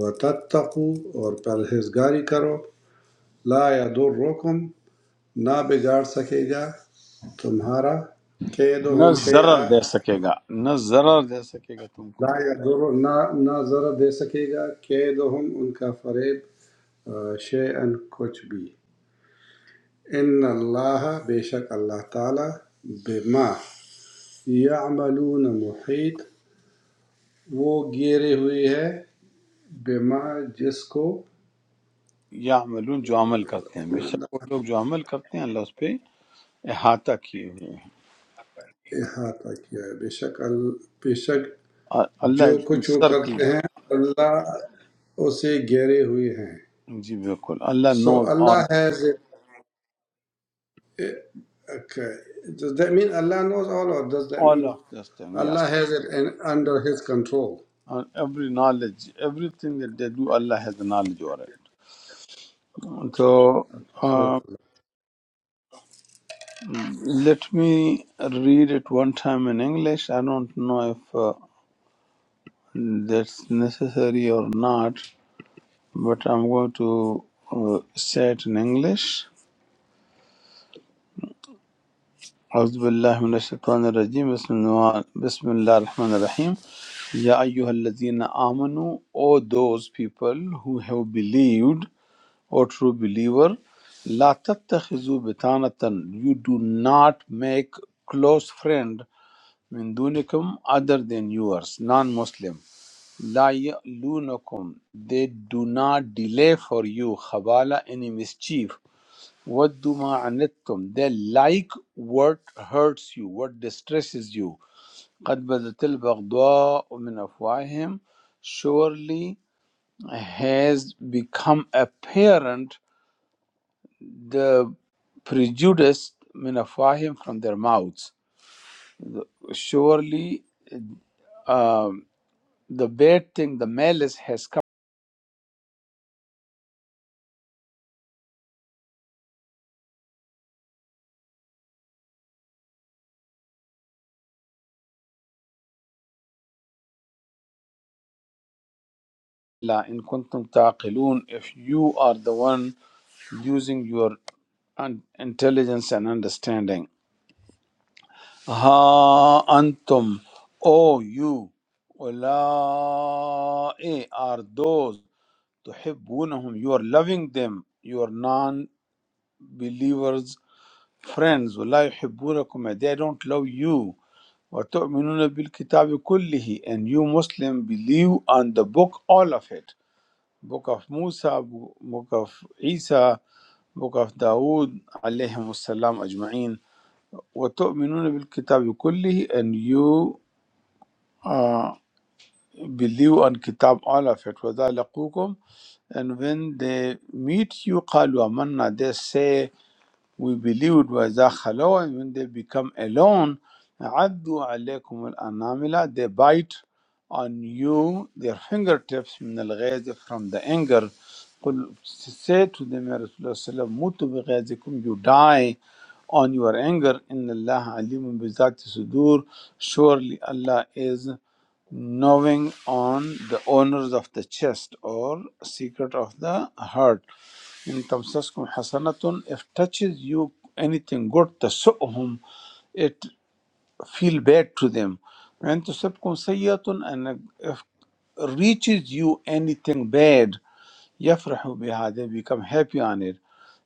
Speaker 5: وَتَتَّقُوا اور پرہیزگاری کرو لا يَضُرُّكُمْ نہ بگاڑ سکے گا تمہارا
Speaker 1: نہ
Speaker 5: کیدہم
Speaker 1: ضرر
Speaker 5: شیئا
Speaker 1: دے سکے گا نہ ضرر دے سکے گا تم
Speaker 5: لا
Speaker 1: کو
Speaker 5: یضر نہ نہ ذرا دے سکے گا قیدہم ان کا فریب شیئن کچھ بھی ان اللہ بے شک اللہ تعالی بما یعملون محیط وہ گیرے ہوئے ہے بما جس کو
Speaker 1: یا عملون جو عمل کرتے ہیں بے شک وہ لوگ جو عمل کرتے ہیں اللہ اس پہ احاطہ کیے ہوئے ہیں
Speaker 5: احاطہ کیا ہے بے شک ال- بے شک
Speaker 1: اور
Speaker 5: جو
Speaker 1: اللہ
Speaker 5: کچھ وہ
Speaker 1: سرکل
Speaker 5: کرتے ہیں اللہ اسے گھیرے ہوئے ہیں
Speaker 1: جی بالکل اللہ
Speaker 5: سو
Speaker 1: نوز all
Speaker 5: اللہ ہے Eh, Okay. Does that mean Allah knows all, or does that
Speaker 1: all
Speaker 5: mean
Speaker 1: of this thing
Speaker 5: Allah
Speaker 1: yes
Speaker 5: has it under his control
Speaker 1: And every knowledge everything that they do Allah has the knowledge over it so uh, let me read it one time in English I don't know if uh, that's necessary or not but I'm going to uh, say it in English. أعوذ بالله من الشيطان الرجيم بسم الله بسم الله الرحمن الرحيم يا أيها الذين آمنوا O those people who have believed or true believer لا تتخذوا بطانة you do not make close friend من دونكم other than yours non-Muslim law يألونكم they do not delay for you خبالة any mischief وَدُّوا مَا عَنِتُّمْ They like what hurts you, what distresses you. قَدْ بَدَتِ الْبَغْضَاءُ مِنْ أَفْوَاهِهِمْ Surely has become apparent the prejudice min أَفْوَاهِهِمْ from their mouths. Surely um, the bad thing, the malice has come. لا إن كنتم تعقلون if you are the one using your un- intelligence and understanding Ha antum, O you, ulai are those tuhibbunahum. You are loving them. You are non-believers, friends. ولا يحبونكم. They don't love you. وتؤمنون بالكتاب كله. And you Muslim believe on the book, all of it. Book of Musa, book of Isa, book of Dawood, عليهم السلام أجمعين. وتؤمنون بالكتاب كله and you uh, believe on Kitab, all of it. وَإِذَا لَقُوكُمْ And when they meet you, قَالُوا آمَنَّا They say, we believed وَإِذَا خَلَوْا and when they become alone عَدُّوا عَلَيْكُمُ الْأَنَامِلَ They bite on you their fingertips من الغيظ from the anger قل say to them يا رسول الله صلى الله عليه وسلم موتوا بغيظكم you die on your anger إن الله عليم بذات الصدور surely Allah is knowing on the owners of the chest or secret of the heart إن تمسسكم حسنة if touches you anything good تسؤهم it feel bad to them وإن تصبكم سيئة and if reaches you anything bad يفرحوا بها they become happy on it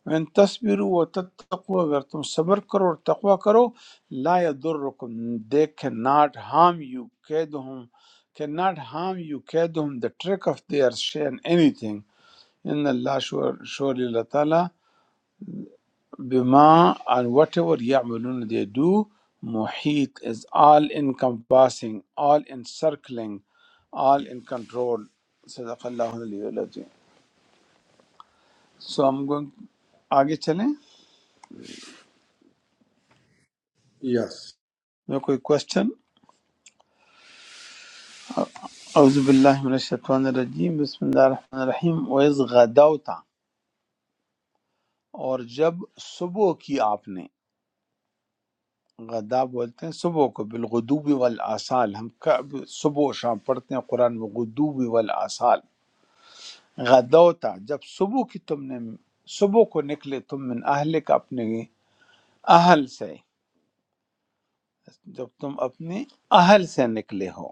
Speaker 1: When tasbiru wa وتتقوا अगर तुम सब्र करो और तकवा करो لا يضركم they cannot harm you كيدهم cannot harm you كيدهم the trick of their shame anything إن الله sure Taala. Bima and whatever يعملون they do, muhit is all encompassing, all encircling, all in control. صدق اللہ علیہ وآلہ So I'm going آگے چلیں
Speaker 5: یس
Speaker 1: میں کوئی question اعوذ باللہ من الشیطان الرجیم بسم اللہ الرحمن الرحیم وَإِذْ غَدَوْتَ اور جب صبح کی آپ نے غدا بولتے ہیں صبح کو بالغدوب والآصال ہم کب- صبح و شام پڑھتے ہیں قرآن میں غدوب والآصال غدوتا جب صبح کی تم نے صبح کو نکلے تم من اہل کا اپنے اہل سے جب تم اپنے اہل سے نکلے ہو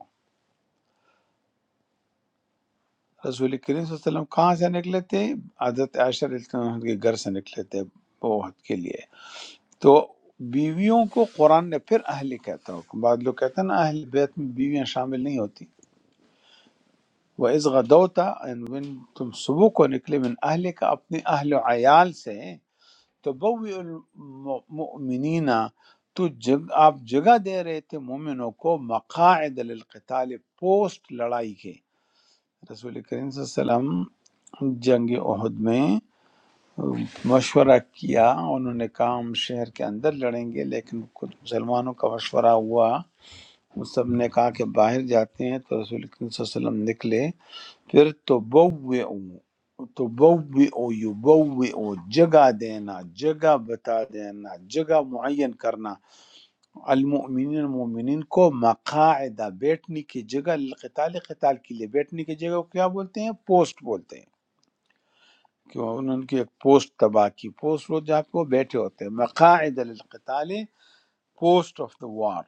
Speaker 1: رسول کریم صلی اللہ علیہ وسلم کہاں سے نکلے تھے حضرت عائشہ رضی اللہ عنہ کے گھر سے نکلے تھے بہت کے لیے تو بیویوں کو قرآن نے پھر اہل کہتا ہو بعض لوگ کہتے ہیں نا اہل بیت میں بیویاں شامل نہیں ہوتی وہ از غدوتا and when تم صبح کو نکلے من اہل کا اپنے اہل و عیال سے تبوئ المؤمنین تو جگ آپ جگہ دے رہے تھے مومنوں کو مقاعد للقتال پوسٹ لڑائی کے رسول کریم صلی اللہ علیہ وسلم جنگ احد میں مشورہ کیا انہوں نے کہا ہم شہر کے اندر لڑیں گے لیکن کچھ مسلمانوں کا مشورہ ہوا وہ سب نے کہا کہ باہر جاتے ہیں تو رسول کریم صلی اللہ علیہ وسلم نکلے پھر تبوئو تبوئو یبوئو جگہ دینا جگہ بتا دینا جگہ معین کرنا المؤمنین مومنین کو مقاعدہ بیٹھنے کی جگہ لقتال قتال کے لیے بیٹھنے کی جگہ کو کیا بولتے ہیں پوسٹ بولتے ہیں کہ انہوں نے کی ایک پوسٹ تباہ کی پوسٹ وہ جہاں کو بیٹھے ہوتے ہیں مقاعد للقتال پوسٹ آف دا وار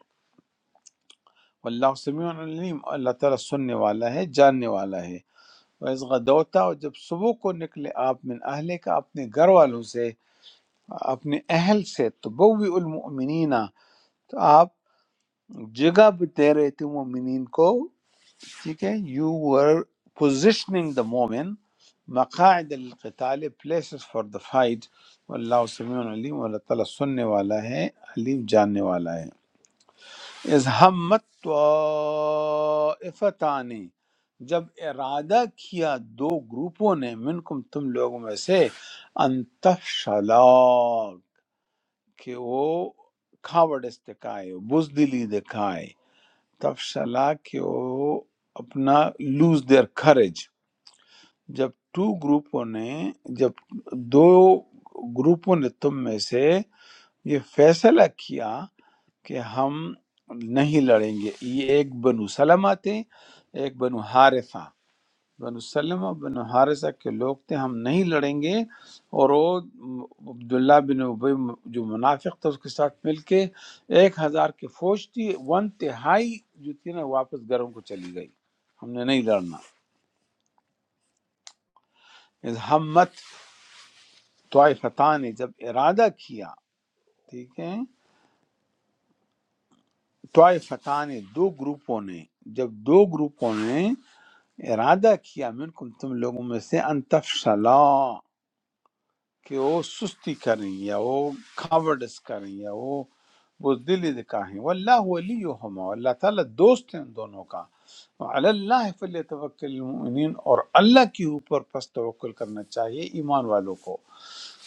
Speaker 1: واللہ سمیع علیم اللہ تعالیٰ سننے والا ہے جاننے والا ہے وَإِذْ غَدَوْتَ اور جب صبح کو نکلے آپ من اہل کا اپنے گھر والوں سے اپنے اہل سے تبوی المؤمنین تو آپ جگہ بھی دے رہے تھے مومنین کو ٹھیک ہے یو ور پوزیشننگ دا مومن مقاعد القتال پلیسز فار دا فائٹ واللہ سمیع علیم اللہ تعالیٰ سننے والا ہے علیم جاننے والا ہے از ہمت طائفتان جب ارادہ کیا دو گروپوں نے منکم تم لوگوں میں سے انتشلا کہ وہ کھاوڑس دکھائے بزدلی دکھائے تفشلا کہ وہ اپنا لوز دیئر کھرج جب ٹو گروپوں نے جب دو گروپوں نے تم میں سے یہ فیصلہ کیا کہ ہم نہیں لڑیں گے یہ ایک بنو سلمہ تھے ایک بنو حارثہ بنو سلمہ بنو حارثہ کے لوگ تھے ہم نہیں لڑیں گے اور وہ عبداللہ بن عبی جو منافق تھا اس کے ساتھ مل کے ایک ہزار کی فوج تھی ون تہائی جو تھی نا واپس گھروں کو چلی گئی ہم نے نہیں لڑنا اذ ہمت طائفتان نے جب ارادہ کیا ٹھیک ہے طائفتان نے دو گروپوں نے جب دو گروپوں نے ارادہ کیا منکم تم لوگوں میں سے ان تفشلا کہ وہ سستی کریں یا وہ کاوڈس کریں یا وہ بزدلی دکھائیں واللہ ولیہما اللہ تعالیٰ دوست ہیں ان دونوں کا وعلی اللہ فلیتوکل المؤمنین اور اللہ کے اوپر پس توکل کرنا چاہیے ایمان والوں کو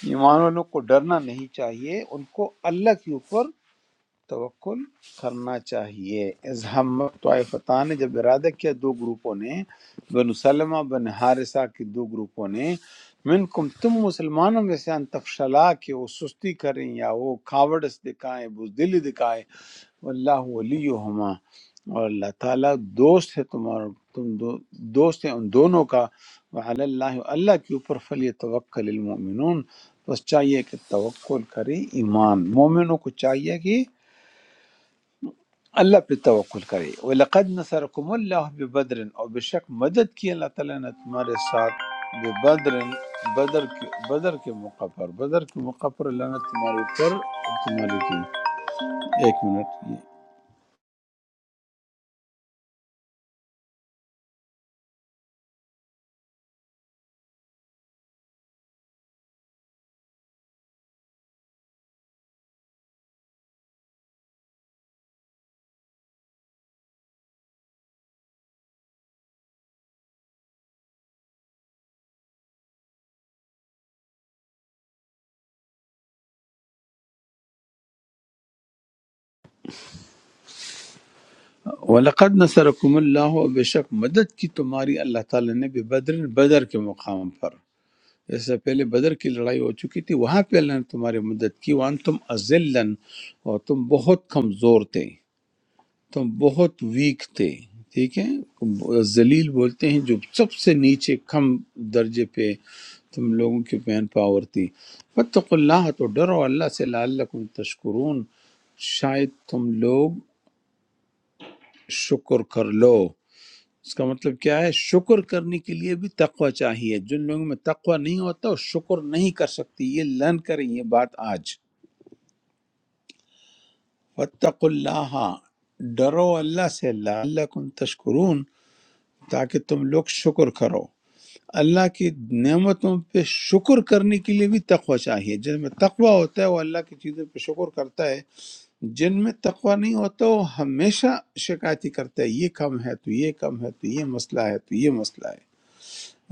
Speaker 1: ایمان والوں کو ڈرنا نہیں چاہیے ان کو اللہ کے اوپر توکل کرنا چاہیے از ہمت طائفتان نے جب ارادہ کیا دو گروپوں نے بن سلمہ بن حارثہ کے دو گروپوں نے منکم تم مسلمانوں میں سے ان تفشلا کہ وہ سستی کریں یا وہ کھاوڑس دکھائیں بزدلی دکھائیں واللہ ولیہما اور اللہ تعالیٰ دوست ہے تمہارا تم دو دوست ہیں ان دونوں کا وعلی اللہ اللہ کے اوپر فلی توکل المؤمنون بس چاہیے کہ توکل کرے ایمان مومنوں کو چاہیے کہ अल्लाह पे तवक्कुल करें वलकद नसरकुम अल्लाह बबद्र और बेशक मदद की अल्लाह ताला ने तुम्हारे साथ बबद्र बदर के बदर के मौका पर बदर के मौका पर अल्लाह ने तुम्हारे ऊपर और तुम्हारे की एक मिनट ये वलकद नसरकुम अल्लाह और बेशक मदद की तुम्हारी अल्लाह ताला ने बबद्र बदर के मुकाम पर इससे पहले बदर की लड़ाई हो चुकी थी वहां पे अल्लाह ने तुम्हारी मदद की वान तुम अजिलन और तुम बहुत कमजोर थे تم بہت ویک تھے ٹھیک ہے ذلیل بولتے ہیں جو سب سے نیچے کم درجے پہ تم لوگوں کی مین پاور تھی فتق اللہ تو ڈرو اللہ سے لعلکم تشکرون شاید تم لوگ شکر کر لو اس کا مطلب کیا ہے شکر کرنے کے لیے بھی تقوی چاہیے جن لوگوں میں تقوی نہیں ہوتا وہ شکر نہیں کر سکتی یہ لرن کریں یہ بات آج فتق اللہ ڈرو اللہ سے لعلکم تشکرون تاکہ تم لوگ شکر کرو اللہ کی نعمتوں پہ شکر کرنے کے لیے بھی تقوی چاہیے جن میں تقوی ہوتا ہے وہ اللہ کی چیزوں پہ شکر کرتا ہے جن میں تقوی نہیں ہوتا وہ ہمیشہ شکایتی کرتا ہے یہ کم ہے تو یہ کم ہے تو یہ مسئلہ ہے تو یہ مسئلہ ہے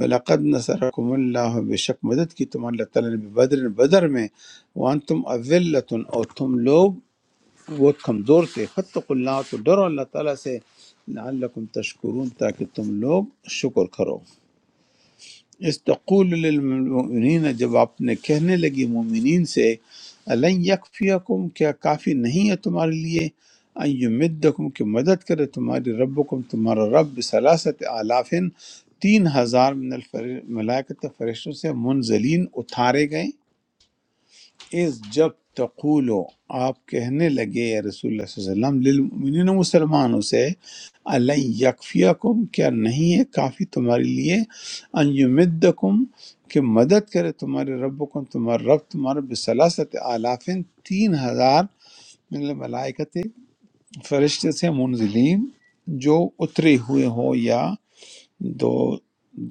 Speaker 1: وَلَقَدْ نَصَرَكُمُ اللَّهُ بے شک مدد کی تم اللہ تعالیٰ نے بھی بدر بدر میں وَأَنْتُمْ أَذِلَّةٌ اور تم لوگ بہت کمزور تھے فَاتَّقُوا اللَّهَ تو ڈرو اللہ تعالیٰ سے لعلکم تشکرون تاکہ تم لوگ شکر کرو استقول للمؤمنین جب آپ نے کہنے لگی مومنین سے الن یکفیکم کیا کافی نہیں ہے تمہارے لیے ان یمدکم کہ مدد کرے تمہاری ربکم تمہارا رب سلاست آلافن تین ہزار من الفر ملائکت فرشتوں سے منزلین اتارے گئے اس جب تقولو آپ کہنے لگے یا رسول اللہ صلی اللہ علیہ وسلم للمؤمنین مسلمانوں سے علی یکفیکم کیا نہیں ہے کافی تمہارے لیے ان یمدکم کہ مدد کرے تمہارے ربکم تمہارا رب تمہارا بسلاست آلافین تین ہزار من الملائکت فرشتے سے منزلین جو اترے ہوئے ہو یا دو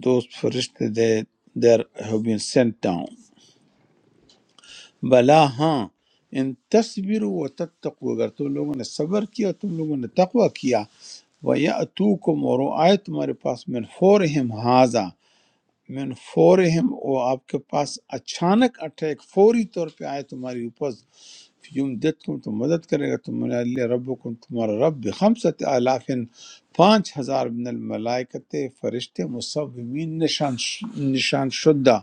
Speaker 1: دو فرشتے they there have been sent down. بلا ہاں ان تصبروا وتتقوا اگر تم لوگوں نے صبر کیا تم لوگوں نے تقوی کیا وَيَأْتُوكُمْ اور وہ آئے تمہارے پاس من فورہم ہاذا من فورہم وہ آپ کے پاس اچانک اٹیک فوری طور پہ آئے تمہاری اوپر یمددکم تو مدد کرے گا تمہارے اللہ ربکم تمہارا رب بخمسۃ آلاف پانچ ہزار من الملائکت فرشتے مصومین نشان نشان شدہ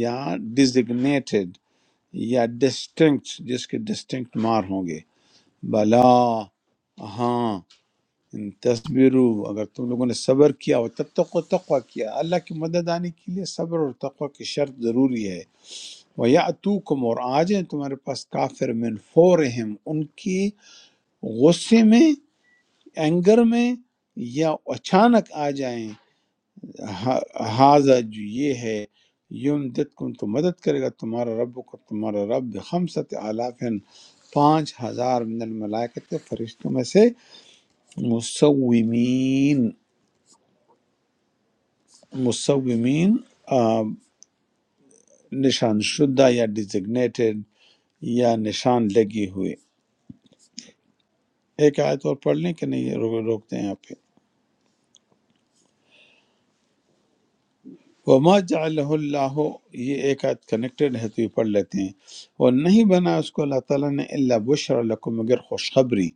Speaker 1: یا ڈیزگنیٹڈ یا ڈسٹنکٹ جس کے ڈسٹنکٹ مار ہوں گے بلا ہاں ان تصبرو اگر تم لوگوں نے صبر کیا اور تتقو تقوی کیا اللہ کی مدد آنے کے لیے صبر اور تقوی کی شرط ضروری ہے وہ یا اور آ جائیں تمہارے پاس کافر من فورہم ان کی غصے میں اینگر میں یا اچانک آ جائیں حاضہ جو یہ ہے یوم دت کم تو مدد کرے گا تمہارا رب کو تمہارا رب خمسط آلافن پانچ ہزار من الملائکت فرشتوں میں سے مصومین مصومین آ، نشان شدہ یا ڈیزگنیٹڈ یا نشان لگے ہوئے ایک آیت اور پڑھ لیں کہ نہیں یہ رو- روکتے ہیں آپ پہ وما جعلہ اللہ یہ ایک آیت کنیکٹڈ ہے تو یہ پڑھ لیتے ہیں اور نہیں بنا اس کو اللہ تعالیٰ نے اللہ بشر لکم مگر خوشخبری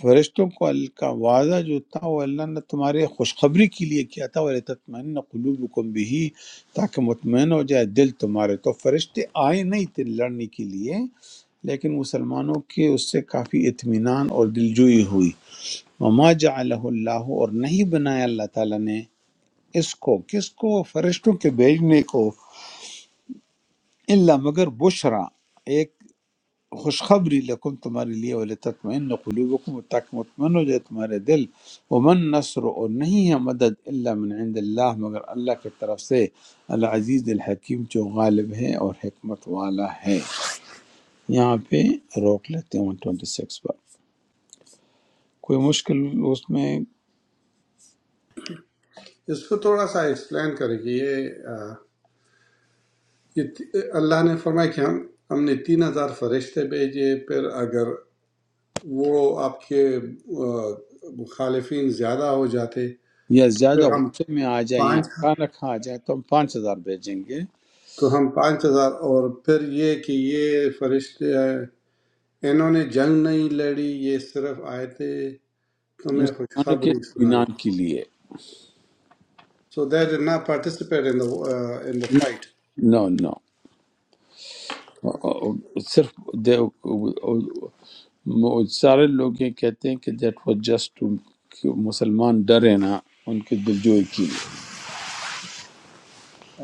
Speaker 1: فرشتوں کو ال- کا وعدہ جو تھا وہ اللہ نے تمہارے خوشخبری کے لیے کیا تھا وہ تطمئن قلوبکم بھی تاکہ مطمئن ہو جائے دل تمہارے تو فرشتے آئے نہیں تھے لڑنے کے لیے لیکن مسلمانوں کے اس سے کافی اطمینان اور دلجوئی ہوئی وما جعلہ اللہ اور نہیں بنایا اللہ تعالیٰ نے اس کو کس کو فرشتوں کے بھیجنے کو اللہ مگر بشرا ایک خوشخبری لکم تمہارے لیے ولتطمئن قلوبکم تاکہ مطمئن ہو جائے تمہارے دل ومن نصر اور نہیں ہے مدد الا من عند اللہ مگر اللہ کی طرف سے العزیز الحکیم جو غالب ہے اور حکمت والا ہے یہاں پہ روک لیتے ہیں 126 پر کوئی مشکل اس میں
Speaker 5: اس کو تھوڑا سا ایکسپلین کریں کہ یہ آ، یہ تی- اللہ نے فرمایا کہ ہم ہم نے تین ہزار فرشتے بھیجے پھر اگر وہ آپ کے آ، مخالفین زیادہ ہو جاتے
Speaker 1: یا
Speaker 5: پھر
Speaker 1: زیادہ
Speaker 5: ہم
Speaker 1: غصے میں آ جائے یا
Speaker 5: پانچ
Speaker 1: اچانک آ جائے تو ہم پانچ ہزار بھیجیں گے
Speaker 5: تو ہم پانچ ہزار اور پھر یہ کہ یہ فرشتے آ، انہوں نے جنگ نہیں لڑی یہ صرف آئے تھے تمہیں
Speaker 1: مسلمانوں کے
Speaker 5: خوشخبری سنانی
Speaker 1: اطمینان کے لیے
Speaker 5: so they did not participate in the uh, in the fight
Speaker 1: no no no. صرف دے- م- سارے لوگ یہ کہتے ہیں کہ دیٹ واز جسٹ مسلمان ڈرے نا ان کے دلجوئی کی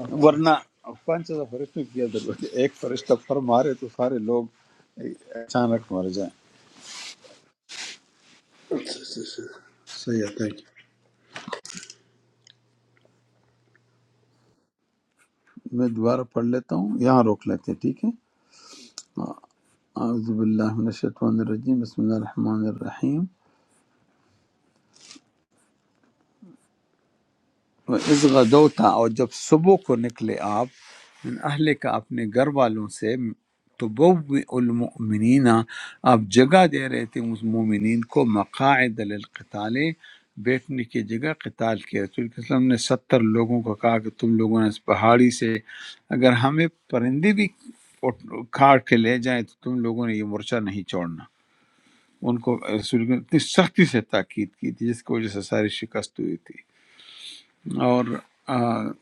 Speaker 5: اچھا
Speaker 1: ورنہ پانچ ہزار فرشتوں کی عدل ہوتی ہے۔ ایک فرشتہ پر مارے تو سارے لوگ اچانک مر جائیں
Speaker 5: اچھا اچھا اچھا۔ صحیح ہے تھینک
Speaker 1: میں دوبارہ پڑھ لیتا ہوں یہاں روک لیتے ہیں، ٹھیک ہے اعوذ باللہ من الشیطان الرجیم بسم اللہ الرحمن الرحیم اس غدو تھا اور جب صبح کو نکلے آپ من اہل کا اپنے گھر والوں سے تو المؤمنین آپ جگہ دے رہے تھے اس مومنین کو مقاعد للقتال بیٹھنے کی جگہ قتال کیا رسول کے وسلم نے ستر لوگوں کو کہا کہ تم لوگوں نے اس پہاڑی سے اگر ہمیں پرندے بھی اٹھ- کاٹ کے لے جائیں تو تم لوگوں نے یہ مورچہ نہیں چھوڑنا ان کو رسول اللہ نے اتنی سختی سے تاکید کی تھی جس کی وجہ سے ساری شکست ہوئی تھی اور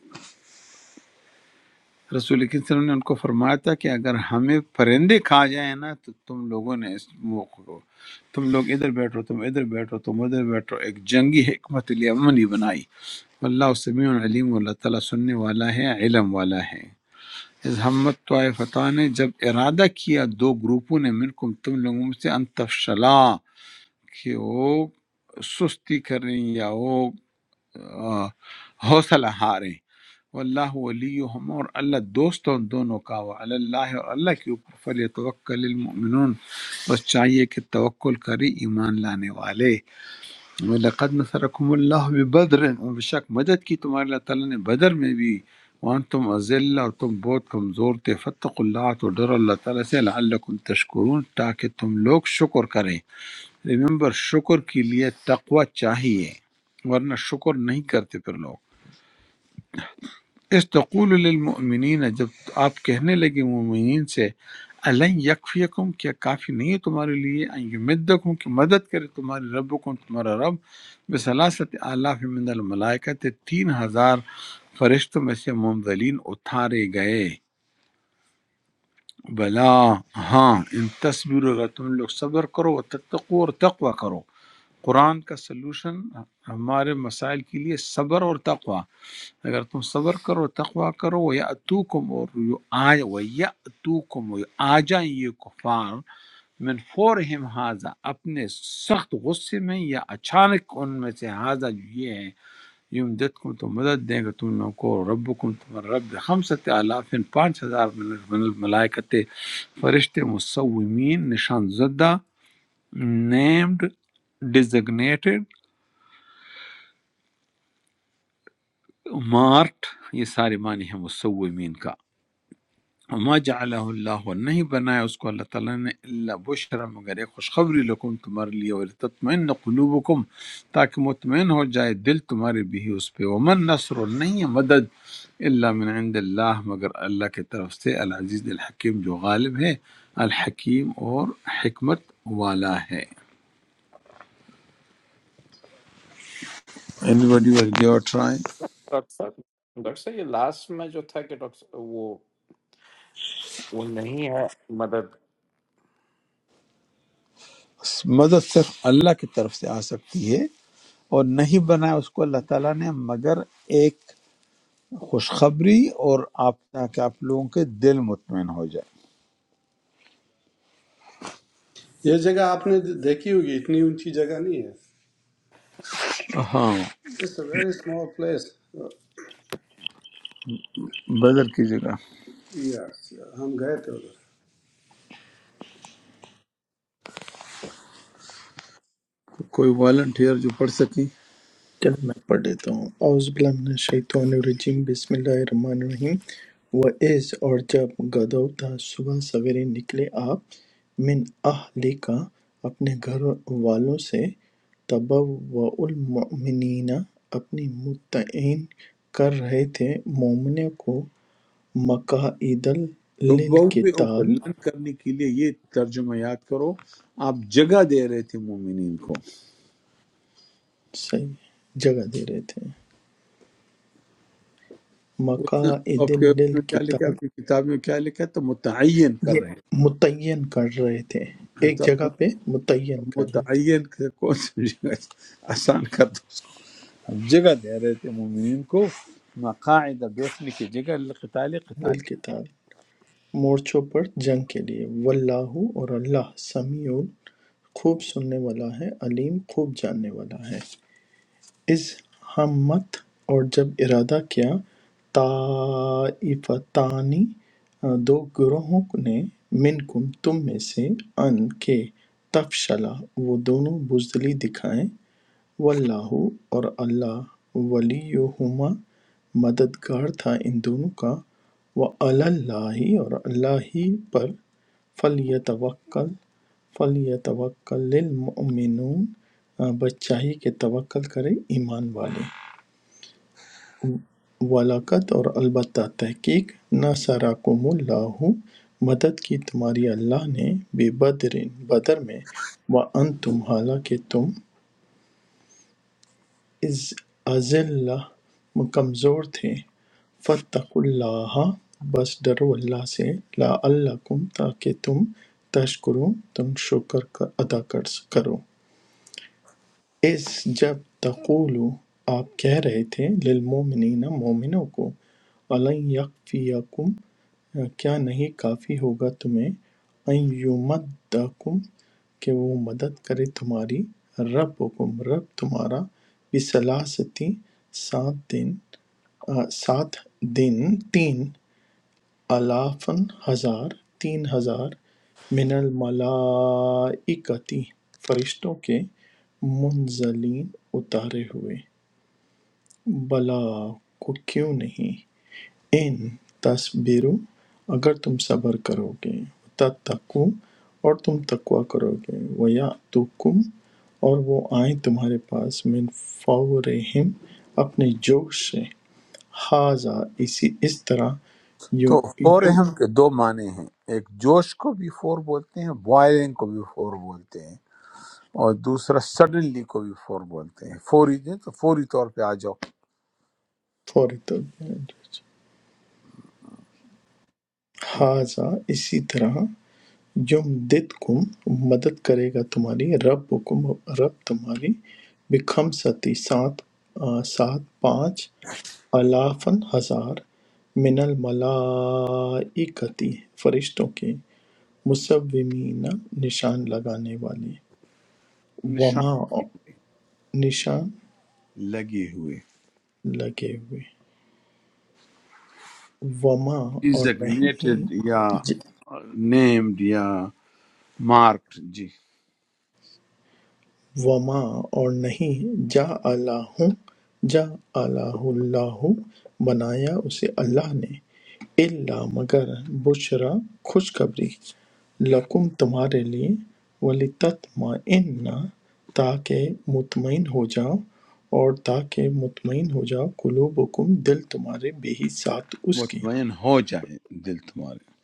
Speaker 1: رسول کریم صلی اللہ علیہ وسلم نے ان کو فرمایا تھا کہ اگر ہمیں پرندے کھا جائیں نا تو تم لوگوں نے اس موقع کو تم لوگ ادھر بیٹھو تم ادھر بیٹھو تم ادھر بیٹھو ایک جنگی حکمت عملی بنائی اللہ سمیع علیم اللہ تعالیٰ سننے والا ہے علم والا ہے اس ہمت طائفتہ نے جب ارادہ کیا دو گروپوں نے منکم تم لوگوں میں سے انتفشلا کہ وہ سستی کریں یا وہ آ، حوصلہ ہاریں واللہ ولیہم اور اللہ دوست ہے ان دونوں کا وہ اللہ اور اللہ کے اوپر فلی توکل المؤمنون بس چاہیے کہ توکل کرے ایمان لانے والے لقد نصرکم اللہ بدر اور بے شک مدد کی تمہارے اللہ تعالیٰ نے بدر میں بھی وان تم ازل اور تم بہت کمزور تھے فتق اللہ تو ڈر اللہ تعالیٰ سے لعلکم تشکرون تاکہ تم لوگ شکر کریں ریممبر شکر کے لیے تقوی چاہیے ورنہ شکر نہیں کرتے پھر لوگ استقول للمؤمنین جب آپ کہنے لگے مومنین سے الن یکفیکم کیا کافی نہیں ہے تمہارے لیے ان یمدکم کہ مدد کرے تمہارے ربکم تمہارا رب بسلاست آلاف من الملائکت تین ہزار فرشتوں میں سے ممدلین اتارے گئے بلا ہاں ان تصویر اگر تم لوگ صبر کرو و تتقو اور تقوی کرو قرآن کا سلوشن ہمارے مسائل کے لیے صبر اور تقوی اگر تم صبر کرو تقوی کرو یا اتوکم اور یو آج و یا اتوکم و آ جائیں یہ کفار من فورہم حاضا اپنے سخت غصے میں یا اچانک ان میں سے حاضا جو یہ ہے یم دتکم تو مدد دیں گے تم لوگوں کو ربکم تمہارا رب خمسط آلاف پانچ ہزار من من الملائکت فرشتے مصومین نشان زدہ نیمڈ ڈیزگنیٹڈ مارٹ یہ سارے معنی ہیں مصومین کا وما جعلہ اللہ نہیں بنایا اس کو اللہ تعالیٰ نے اللہ بشرا مگر ایک خوشخبری لکم تمہارے لیے اور تطمئن قلوبکم تاکہ مطمئن ہو جائے دل تمہارے بھی اس پہ ومن نصر اور نہیں ہے مدد اللہ من عند اللہ مگر اللہ کی طرف سے العزیز الحکیم جو غالب ہے الحکیم اور حکمت والا ہے anybody will give a try
Speaker 3: doctor صاحب ڈاکٹر صاحب یہ لاسٹ میں جو تھا کہ ڈاکٹر صاحب وہ وہ نہیں ہے
Speaker 1: مدد صرف اللہ کی طرف سے آ سکتی ہے اور نہیں بنایا اس کو اللہ تعالیٰ نے مگر ایک خوشخبری اور آپ تاکہ آپ لوگوں کے دل مطمئن ہو جائے
Speaker 5: یو یہ جگہ آپ نے دیکھی ہوگی اتنی اونچی جگہ نہیں ہے
Speaker 1: ہاں
Speaker 5: it's a very small place
Speaker 1: Badr کی جگہ
Speaker 5: یس ہم گئے تھے ادھر
Speaker 1: کوئی والنٹیئر جو پڑھ سکیں
Speaker 2: چلیں میں پڑھ لیتا ہوں اعوذ باللہ من الشیطان الرجیم بسم اللہ الرحمن الرحیم وَإِذْ اور جب غدوتا صبح سویرے نکلے آپ من اہلکا اپنے گھر والوں سے تبوّع المؤمنین اپنی متعین کر رہے تھے مومنوں کو مقاعد
Speaker 1: تو بوے او کو
Speaker 2: للقتال
Speaker 1: لن کرنے کے لیے یہ ترجمہ یاد کرو آپ جگہ دے رہے تھے مومنین کو
Speaker 2: صحیح جگہ دے رہے تھے
Speaker 1: اس نے
Speaker 2: مقاعد
Speaker 1: آپ کے اس میں کیا لکھا ہے؟
Speaker 2: للقتال
Speaker 1: آپ کی کتاب میں کیا لکھا ہے تو متعین کر
Speaker 2: یہ
Speaker 1: رہے
Speaker 2: متعین کر رہے تھے
Speaker 1: ہیں
Speaker 2: ایک
Speaker 1: تو
Speaker 2: جگہ پہ متعین کر رہے تھے
Speaker 1: متعین سے کون سی جگہ آسان کر دو اس کو آپ جگہ دے رہے تھے مومنین کو مقاعد بیٹھنے کی جگہ قتال
Speaker 2: بالکتاب مورچوں پر جنگ کے لیے واللہ اور اللہ سمیع خوب سننے والا ہے علیم خوب جاننے والا ہے اس ہمت اور جب ارادہ کیا طائفتانی آ، دو گروہوں نے منکم تم میں سے ان کے تفشلا وہ دونوں بزدلی دکھائیں واللہ اور اللہ ولیہما مددگار تھا ان دونوں کا وعلی اللہ اور اللہ ہی پر فلیتوکل فلیتوکل المؤمنون آ، بس چاہیے کہ توکل کریں ایمان والے ولاقت اور البتہ تحقیق نصرکم اللہ مدد کی تمہاری اللہ نے بے بدر بدر میں وانتم حالانکہ تم اذ اذلہ کمزور تھے فاتقوا اللہ بس ڈرو اللہ سے لعلکم تاکہ تم تشکرون تم شکر کا- ادا کر کرو اِذ جب تقول آپ کہہ رہے تھے للمؤمنین مومنوں کو أَلَنْ یکفیکم کیا نہیں کافی ہوگا تمہیں ان یمدکم کہ وہ مدد کرے تمہاری ربکم رب تمہارا بسلاستی سات دن آ، سات دن تین آلافاً ہزار تین ہزار من الملائکۃ فرشتوں کے منزلین اتارے ہوئے بلا کو کیوں نہیں ان تصبرو اگر تم صبر کرو گے تتقو اور تم تقوی کرو گے ویاتوکم اور وہ آئیں تمہارے پاس من فورہم اپنے جوش سے حاذا اسی اس طرح
Speaker 1: تو فور
Speaker 2: یو
Speaker 1: اہم کے دو معنی ہیں ایک جوش کو بھی فور بولتے ہیں بوائلنگ کو بھی فور بولتے ہیں اور دوسرا سڈنلی کو بھی فور بولتے ہیں فوری دیں تو فوری طور پہ آ جاؤ
Speaker 2: فوری تربیت ھذا اسی طرح یمددکم مدد کرے گا تمہاری ربکم رب تمہاری بخمستی سات آ، سات پانچ الافن ہزار من الملائکتی فرشتوں کے مصومین نشان لگانے والے
Speaker 1: نشان
Speaker 2: وما نشان
Speaker 1: لگے ہوئے
Speaker 2: لگے ہوئے وما اور نہیں
Speaker 1: ڈیزگنیٹڈ یا نیمڈ یا مارکڈ جی
Speaker 2: وما اور نہیں جعلہ جعلہ اللہ بنایا اسے اللہ نے الا مگر بشرا خوشخبری لکم تمہارے لیے ولتطمئن تاکہ مطمئن ہو جاؤ اور تاکہ مطمئن ہو جاؤ قلوبکم دل تمہارے بے ہی ساتھ اس کے
Speaker 1: مطمئن ہو جائے دل تمہارے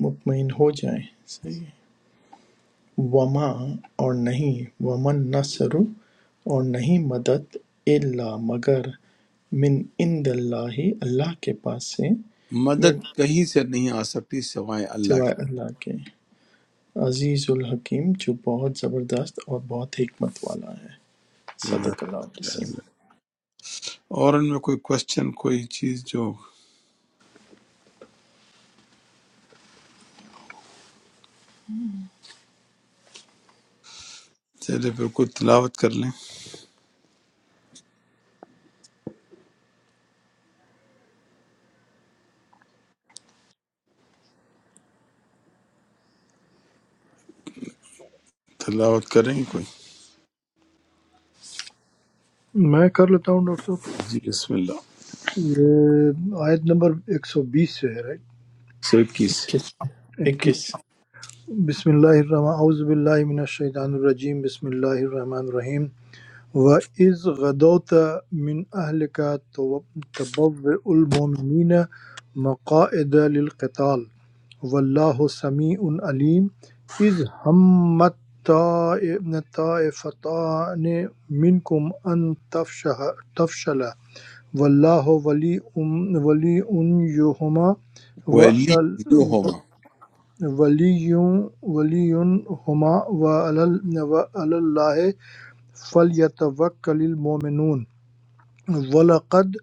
Speaker 2: مطمئن ہو جائیں صحیح ہے وَمَا اور نہیں وَمَا النَّصْرُ اور نہیں مدد إِلَّا مگر مِنْ عِنْدِ اللہِ اللہ کے پاس سے من
Speaker 1: مدد کہیں سے نہیں آ سکتی سوائے اللہ کی
Speaker 2: سوائے اللہ کے عزیز الحکیم جو بہت زبردست اور بہت حکمت والا ہے
Speaker 1: جزاک
Speaker 2: صدق اللہ
Speaker 1: اللہ خیر۔
Speaker 2: علیہ
Speaker 1: اور ان میں کوئی کوشچن کوئی چیز جو چلے پھر کوئی تلاوت کر لیں تلاوت کریں گے کوئی
Speaker 6: میں کر لیتا ہوں ڈاکٹر صاحب
Speaker 1: جی بسم اللہ
Speaker 6: یہ آیت نمبر 120 سے ہے رائٹ
Speaker 1: سو اکیس
Speaker 6: کہ بسم اللہ الرحمن اعوذ باللہ من الشیطان الرجیم بسم اللہ الرحمن الرحیم و اذ غدوت من اهلك تبوء المؤمنین مقاعد للقتال واللہ سمیع علیم اذ همت طائفتان منکم ان تفشل واللہ ولی ولی ان یہما و
Speaker 1: وَلِيُّهُمَا
Speaker 6: ولی ولی ہما و اللہ فلیتوکل المومنون ولقد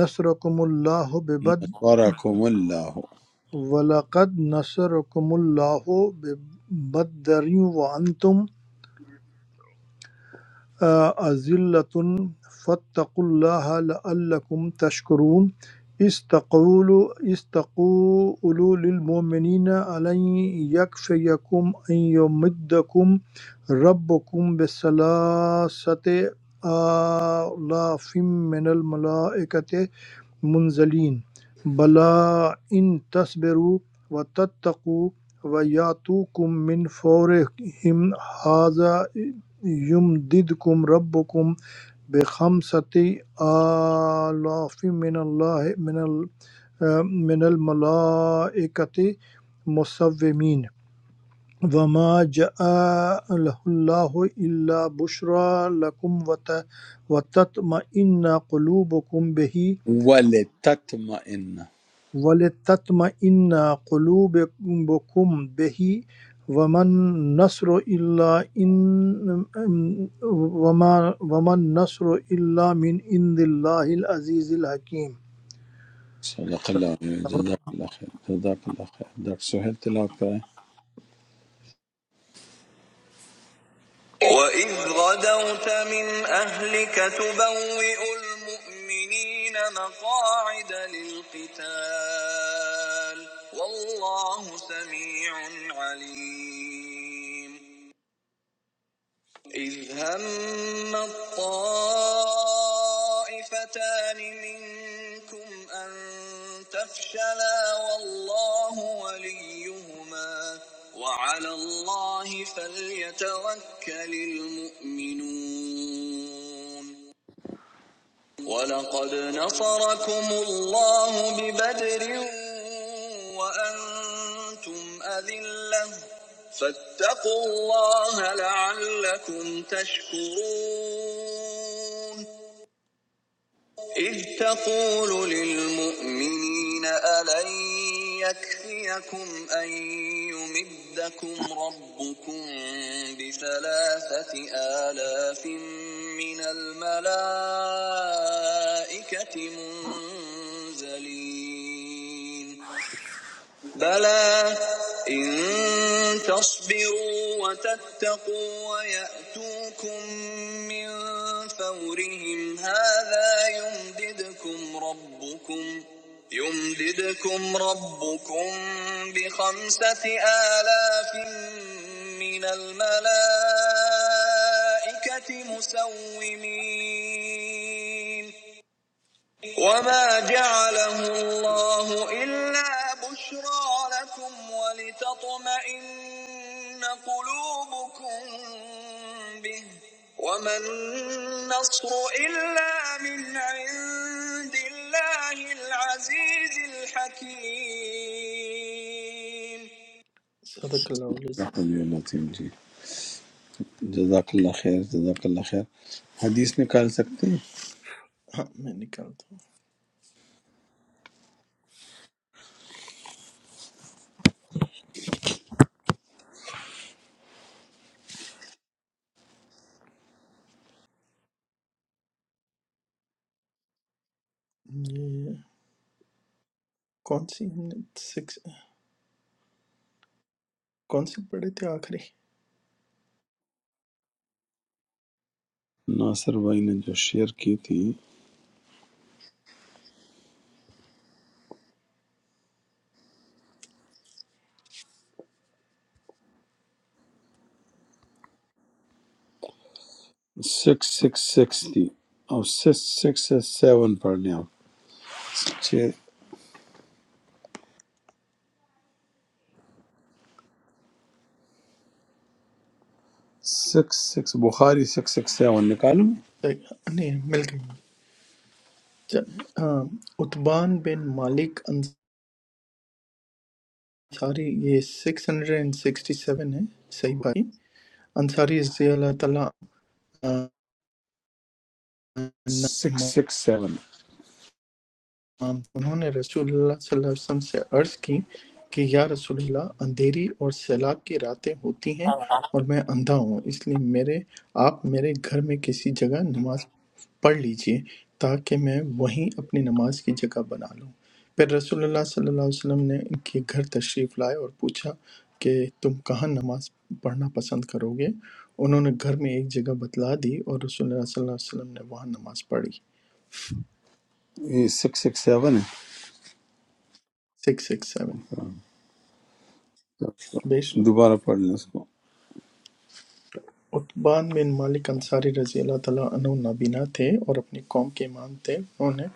Speaker 6: نصرکم اللہ ببد
Speaker 1: نَصَرَكُمُ اللَّهُ
Speaker 6: ولقد نصرکم اللہ ببدر وانتم أذلة فاتقوا الله لعلكم تشكرون استقول استقولوا للمؤمنين ألن يكفيكم أن يمدكم ربكم بثلاثة آلاف من الملائكة منزلین بلا ان تصبروا و تتقوا و یاتوکم من فورہم ھذا یمددکم ربکم بخمسۃ آلاف من اللہ من ال من الملائکۃ مصومین وما جعله الله إلا بشرى لكم وت- وتطمئن قلوبكم به
Speaker 1: وَلِتَتْمَئِنَّ
Speaker 6: وَلِتَطْمَئِنَّ قُلُوبُكُمْ بِهِ وَمَا النَّصْرُ إِلَّا إِن وَمَا وَمَا النَّصْرُ إِلَّا مِنْ عِندِ اللَّهِ الْعَزِيزِ الْحَكِيمِ
Speaker 1: صدق اللہ علیہ وسلم۔ جزاک اللہ خیر جزاک اللہ خیر ڈاکٹر سہیل تلاوت کریں
Speaker 2: وإذ غدوت من أهلك تبوئ المؤمنين مقاعد للقتال والله سميع عليم إذ هم الطائفتان منكم أن تفشلا والله وليهما وعلى الله فليتوكل المؤمنون ولقد نصركم الله ببدر وأنتم أذلة فاتقوا الله لعلكم تشكرون إذ تقول للمؤمنين ألن يكفيكم أن يمدكم ربكم بثلاثة آلاف من الملائكة منزلين بلى إن تصبروا وتتقوا ويأتوكم من فورهم هذا يمددكم ربكم يمددكم ربكم بخمسة آلاف من الملائكة مسومين وما جعله الله إلا بشرى لكم ولتطمئن قلوبكم به وما النصر إلا من عند الله العزيز الحكيم صدق الله العظيم
Speaker 1: رحمۃ اللہ تیم جی جزاک اللہ خیر جزاک اللہ خیر حدیث نکال سکتے ہیں
Speaker 2: हाँ मैं निकालता हूँ ये कौन सी हमने सिक्स कौन सी पढ़ी थी आखिरी
Speaker 1: ناصر بھائی نے جو شیئر کی تھی سکس سکس سکس تھی اور سکس سکس سیون پڑھ لیں آپ چھ six six Bukhari six six seven نکالوں
Speaker 2: नहीं मिल गई عتبان بن مالک انصاری یہ 667 ہے صحیح بھائی انصاری رضی اللہ تعالیٰ عنہ
Speaker 1: سکس
Speaker 2: امام
Speaker 1: سکس سیون
Speaker 2: تمام انہوں نے رسول اللہ صلی اللہ علیہ وسلم سے عرض کی کہ یا رسول اللہ اندھیری اور سیلاب کی راتیں ہوتی ہیں اور میں اندھا ہوں اس لیے میرے آپ میرے گھر میں کسی جگہ نماز پڑھ لیجئے تاکہ میں وہیں اپنی نماز کی جگہ بنا لوں پھر رسول اللہ صلی اللہ علیہ وسلم نے ان کے گھر تشریف لائے اور پوچھا کہ تم کہاں نماز پڑھنا پسند کرو گے انہوں نے گھر میں ایک جگہ بتلا دی اور رسول اللہ صلی اللہ علیہ وسلم نے وہاں نماز پڑھی
Speaker 1: یہ سکس سکس سیون ہے
Speaker 2: سکس سکس سیون بیش
Speaker 1: دوبارہ پڑھ لیں اس کو
Speaker 2: عتبان بن مالک انصاری رضی اللہ تعالیٰ عنہ نابینا تھے اور اپنی قوم کے امام تھے انہوں نے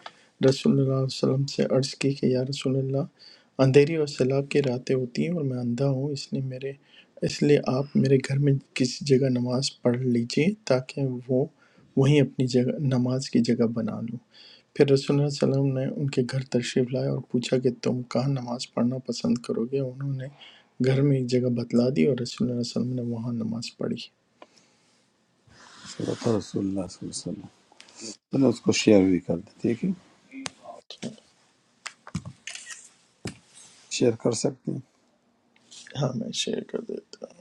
Speaker 2: رسول اللہ صلی اللہ علیہ وسلم سے عرض کی کہ یا رسول اللہ اندھیری اور سیلاب کی راتیں ہوتی ہیں اور میں اندھا ہوں اس لیے میرے اس لیے آپ میرے گھر میں کسی جگہ نماز پڑھ لیجئے تاکہ وہ وہیں اپنی جگہ نماز کی جگہ بنا لوں پھر رسول اللہ صلی اللہ علیہ وسلم نے ان کے گھر تشریف لائے اور پوچھا کہ تم کہاں نماز پڑھنا پسند کرو گے انہوں نے گھر میں ایک جگہ بتلا دی اور رسول اللہ صلی اللہ علیہ وسلم نے وہاں نماز پڑھی
Speaker 1: صدقہ رسول اللہ صلی اللہ علیہ وسلم چلو اس کو شیئر بھی کر دیں ٹھیک ہے شیئر کر سکتے ہیں
Speaker 2: ہاں میں شیئر کر دیتا ہوں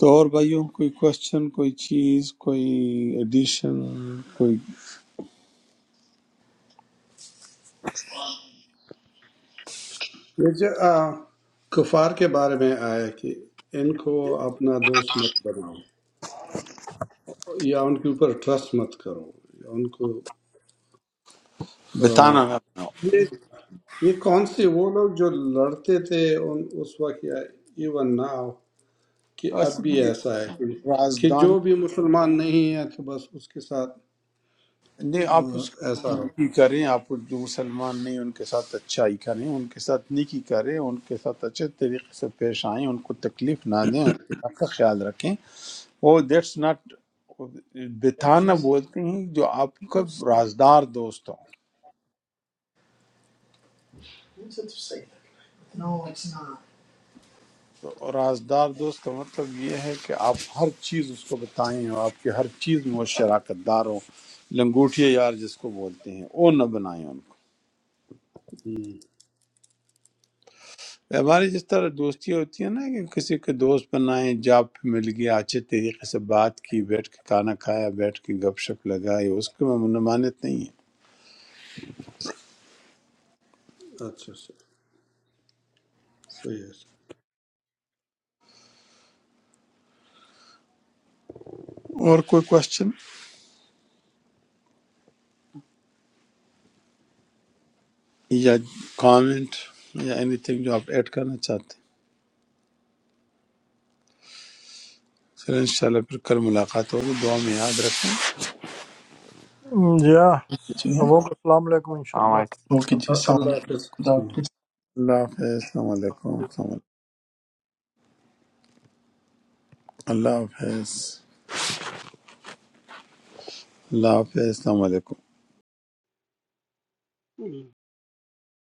Speaker 1: تو اور بھائیوں کوئی کوشچن کوئی چیز کوئی ایڈیشن کوئی
Speaker 5: یہ جو uh, کفار کے بارے میں آیا ہے کہ ان کو اپنا دوست مت بناؤ یا ان کے اوپر ٹرسٹ مت کرو یا ان کو uh,
Speaker 1: بتانا میں اپنا
Speaker 5: یہ یہ کون سے وہ لوگ جو لڑتے تھے ان اس وقت یا ایون ناؤ کہ اب
Speaker 1: اصل
Speaker 5: بھی
Speaker 1: یہ
Speaker 5: ایسا ہے کہ کہ
Speaker 1: رازدان
Speaker 5: جو بھی مسلمان نہیں ہے تو بس اس کے ساتھ
Speaker 1: نہیں آپ
Speaker 5: آ،
Speaker 1: اس کی
Speaker 5: ایسا ہو
Speaker 1: نیکی کریں آپ جو مسلمان نہیں ان کے ساتھ اچھائی کریں ان کے ساتھ نیکی کریں ان کے ساتھ اچھے طریقے سے پیش آئیں ان کو تکلیف نہ دیں ان کے حق کا خیال رکھیں وہ دیٹس ناٹ بتانا بولتے ہیں جو آپ کا رازدار دوست ہو
Speaker 2: No, it's not.
Speaker 1: تو رازدار دوست کا مطلب یہ ہے کہ آپ ہر چیز اس کو بتائیں اور آپ کی ہر چیز میں وہ شراکت دار ہو لنگوٹیا یار جس کو بولتے ہیں وہ نہ بنائیں ان کو
Speaker 5: ہم،
Speaker 1: ہماری جس طرح دوستی ہوتی ہے نا کہ کسی کے دوست بنائیں جاب پہ مل گیا اچھے طریقے سے بات کی بیٹھ کے کھانا کھایا بیٹھ کے گپ شپ لگائی اس کے میں منمانت نہیں
Speaker 5: اچھا اچھا صحیح ہے
Speaker 1: ہے اور کوئی کوشچن یا کامنٹ یا اینی تھنگ جو آپ ایڈ کرنا چاہتے ہیں چلیں انشاءاللہ پھر کل ملاقات ہوگی دعا میں یاد رکھیں
Speaker 6: ہم، جی ہاں
Speaker 2: جی ہیں
Speaker 6: سبوں کو السلام علیکم انشاءاللہ
Speaker 3: مدد
Speaker 2: اوکے
Speaker 6: کل
Speaker 2: جی السلام
Speaker 5: اللہ
Speaker 2: علیکم خدا
Speaker 5: حافظ
Speaker 2: حافظ
Speaker 1: اللہ حافظ السلام علیکم السلام علیکم اللہ حافظ اللہ حافظ السلام علیکم
Speaker 4: اللہ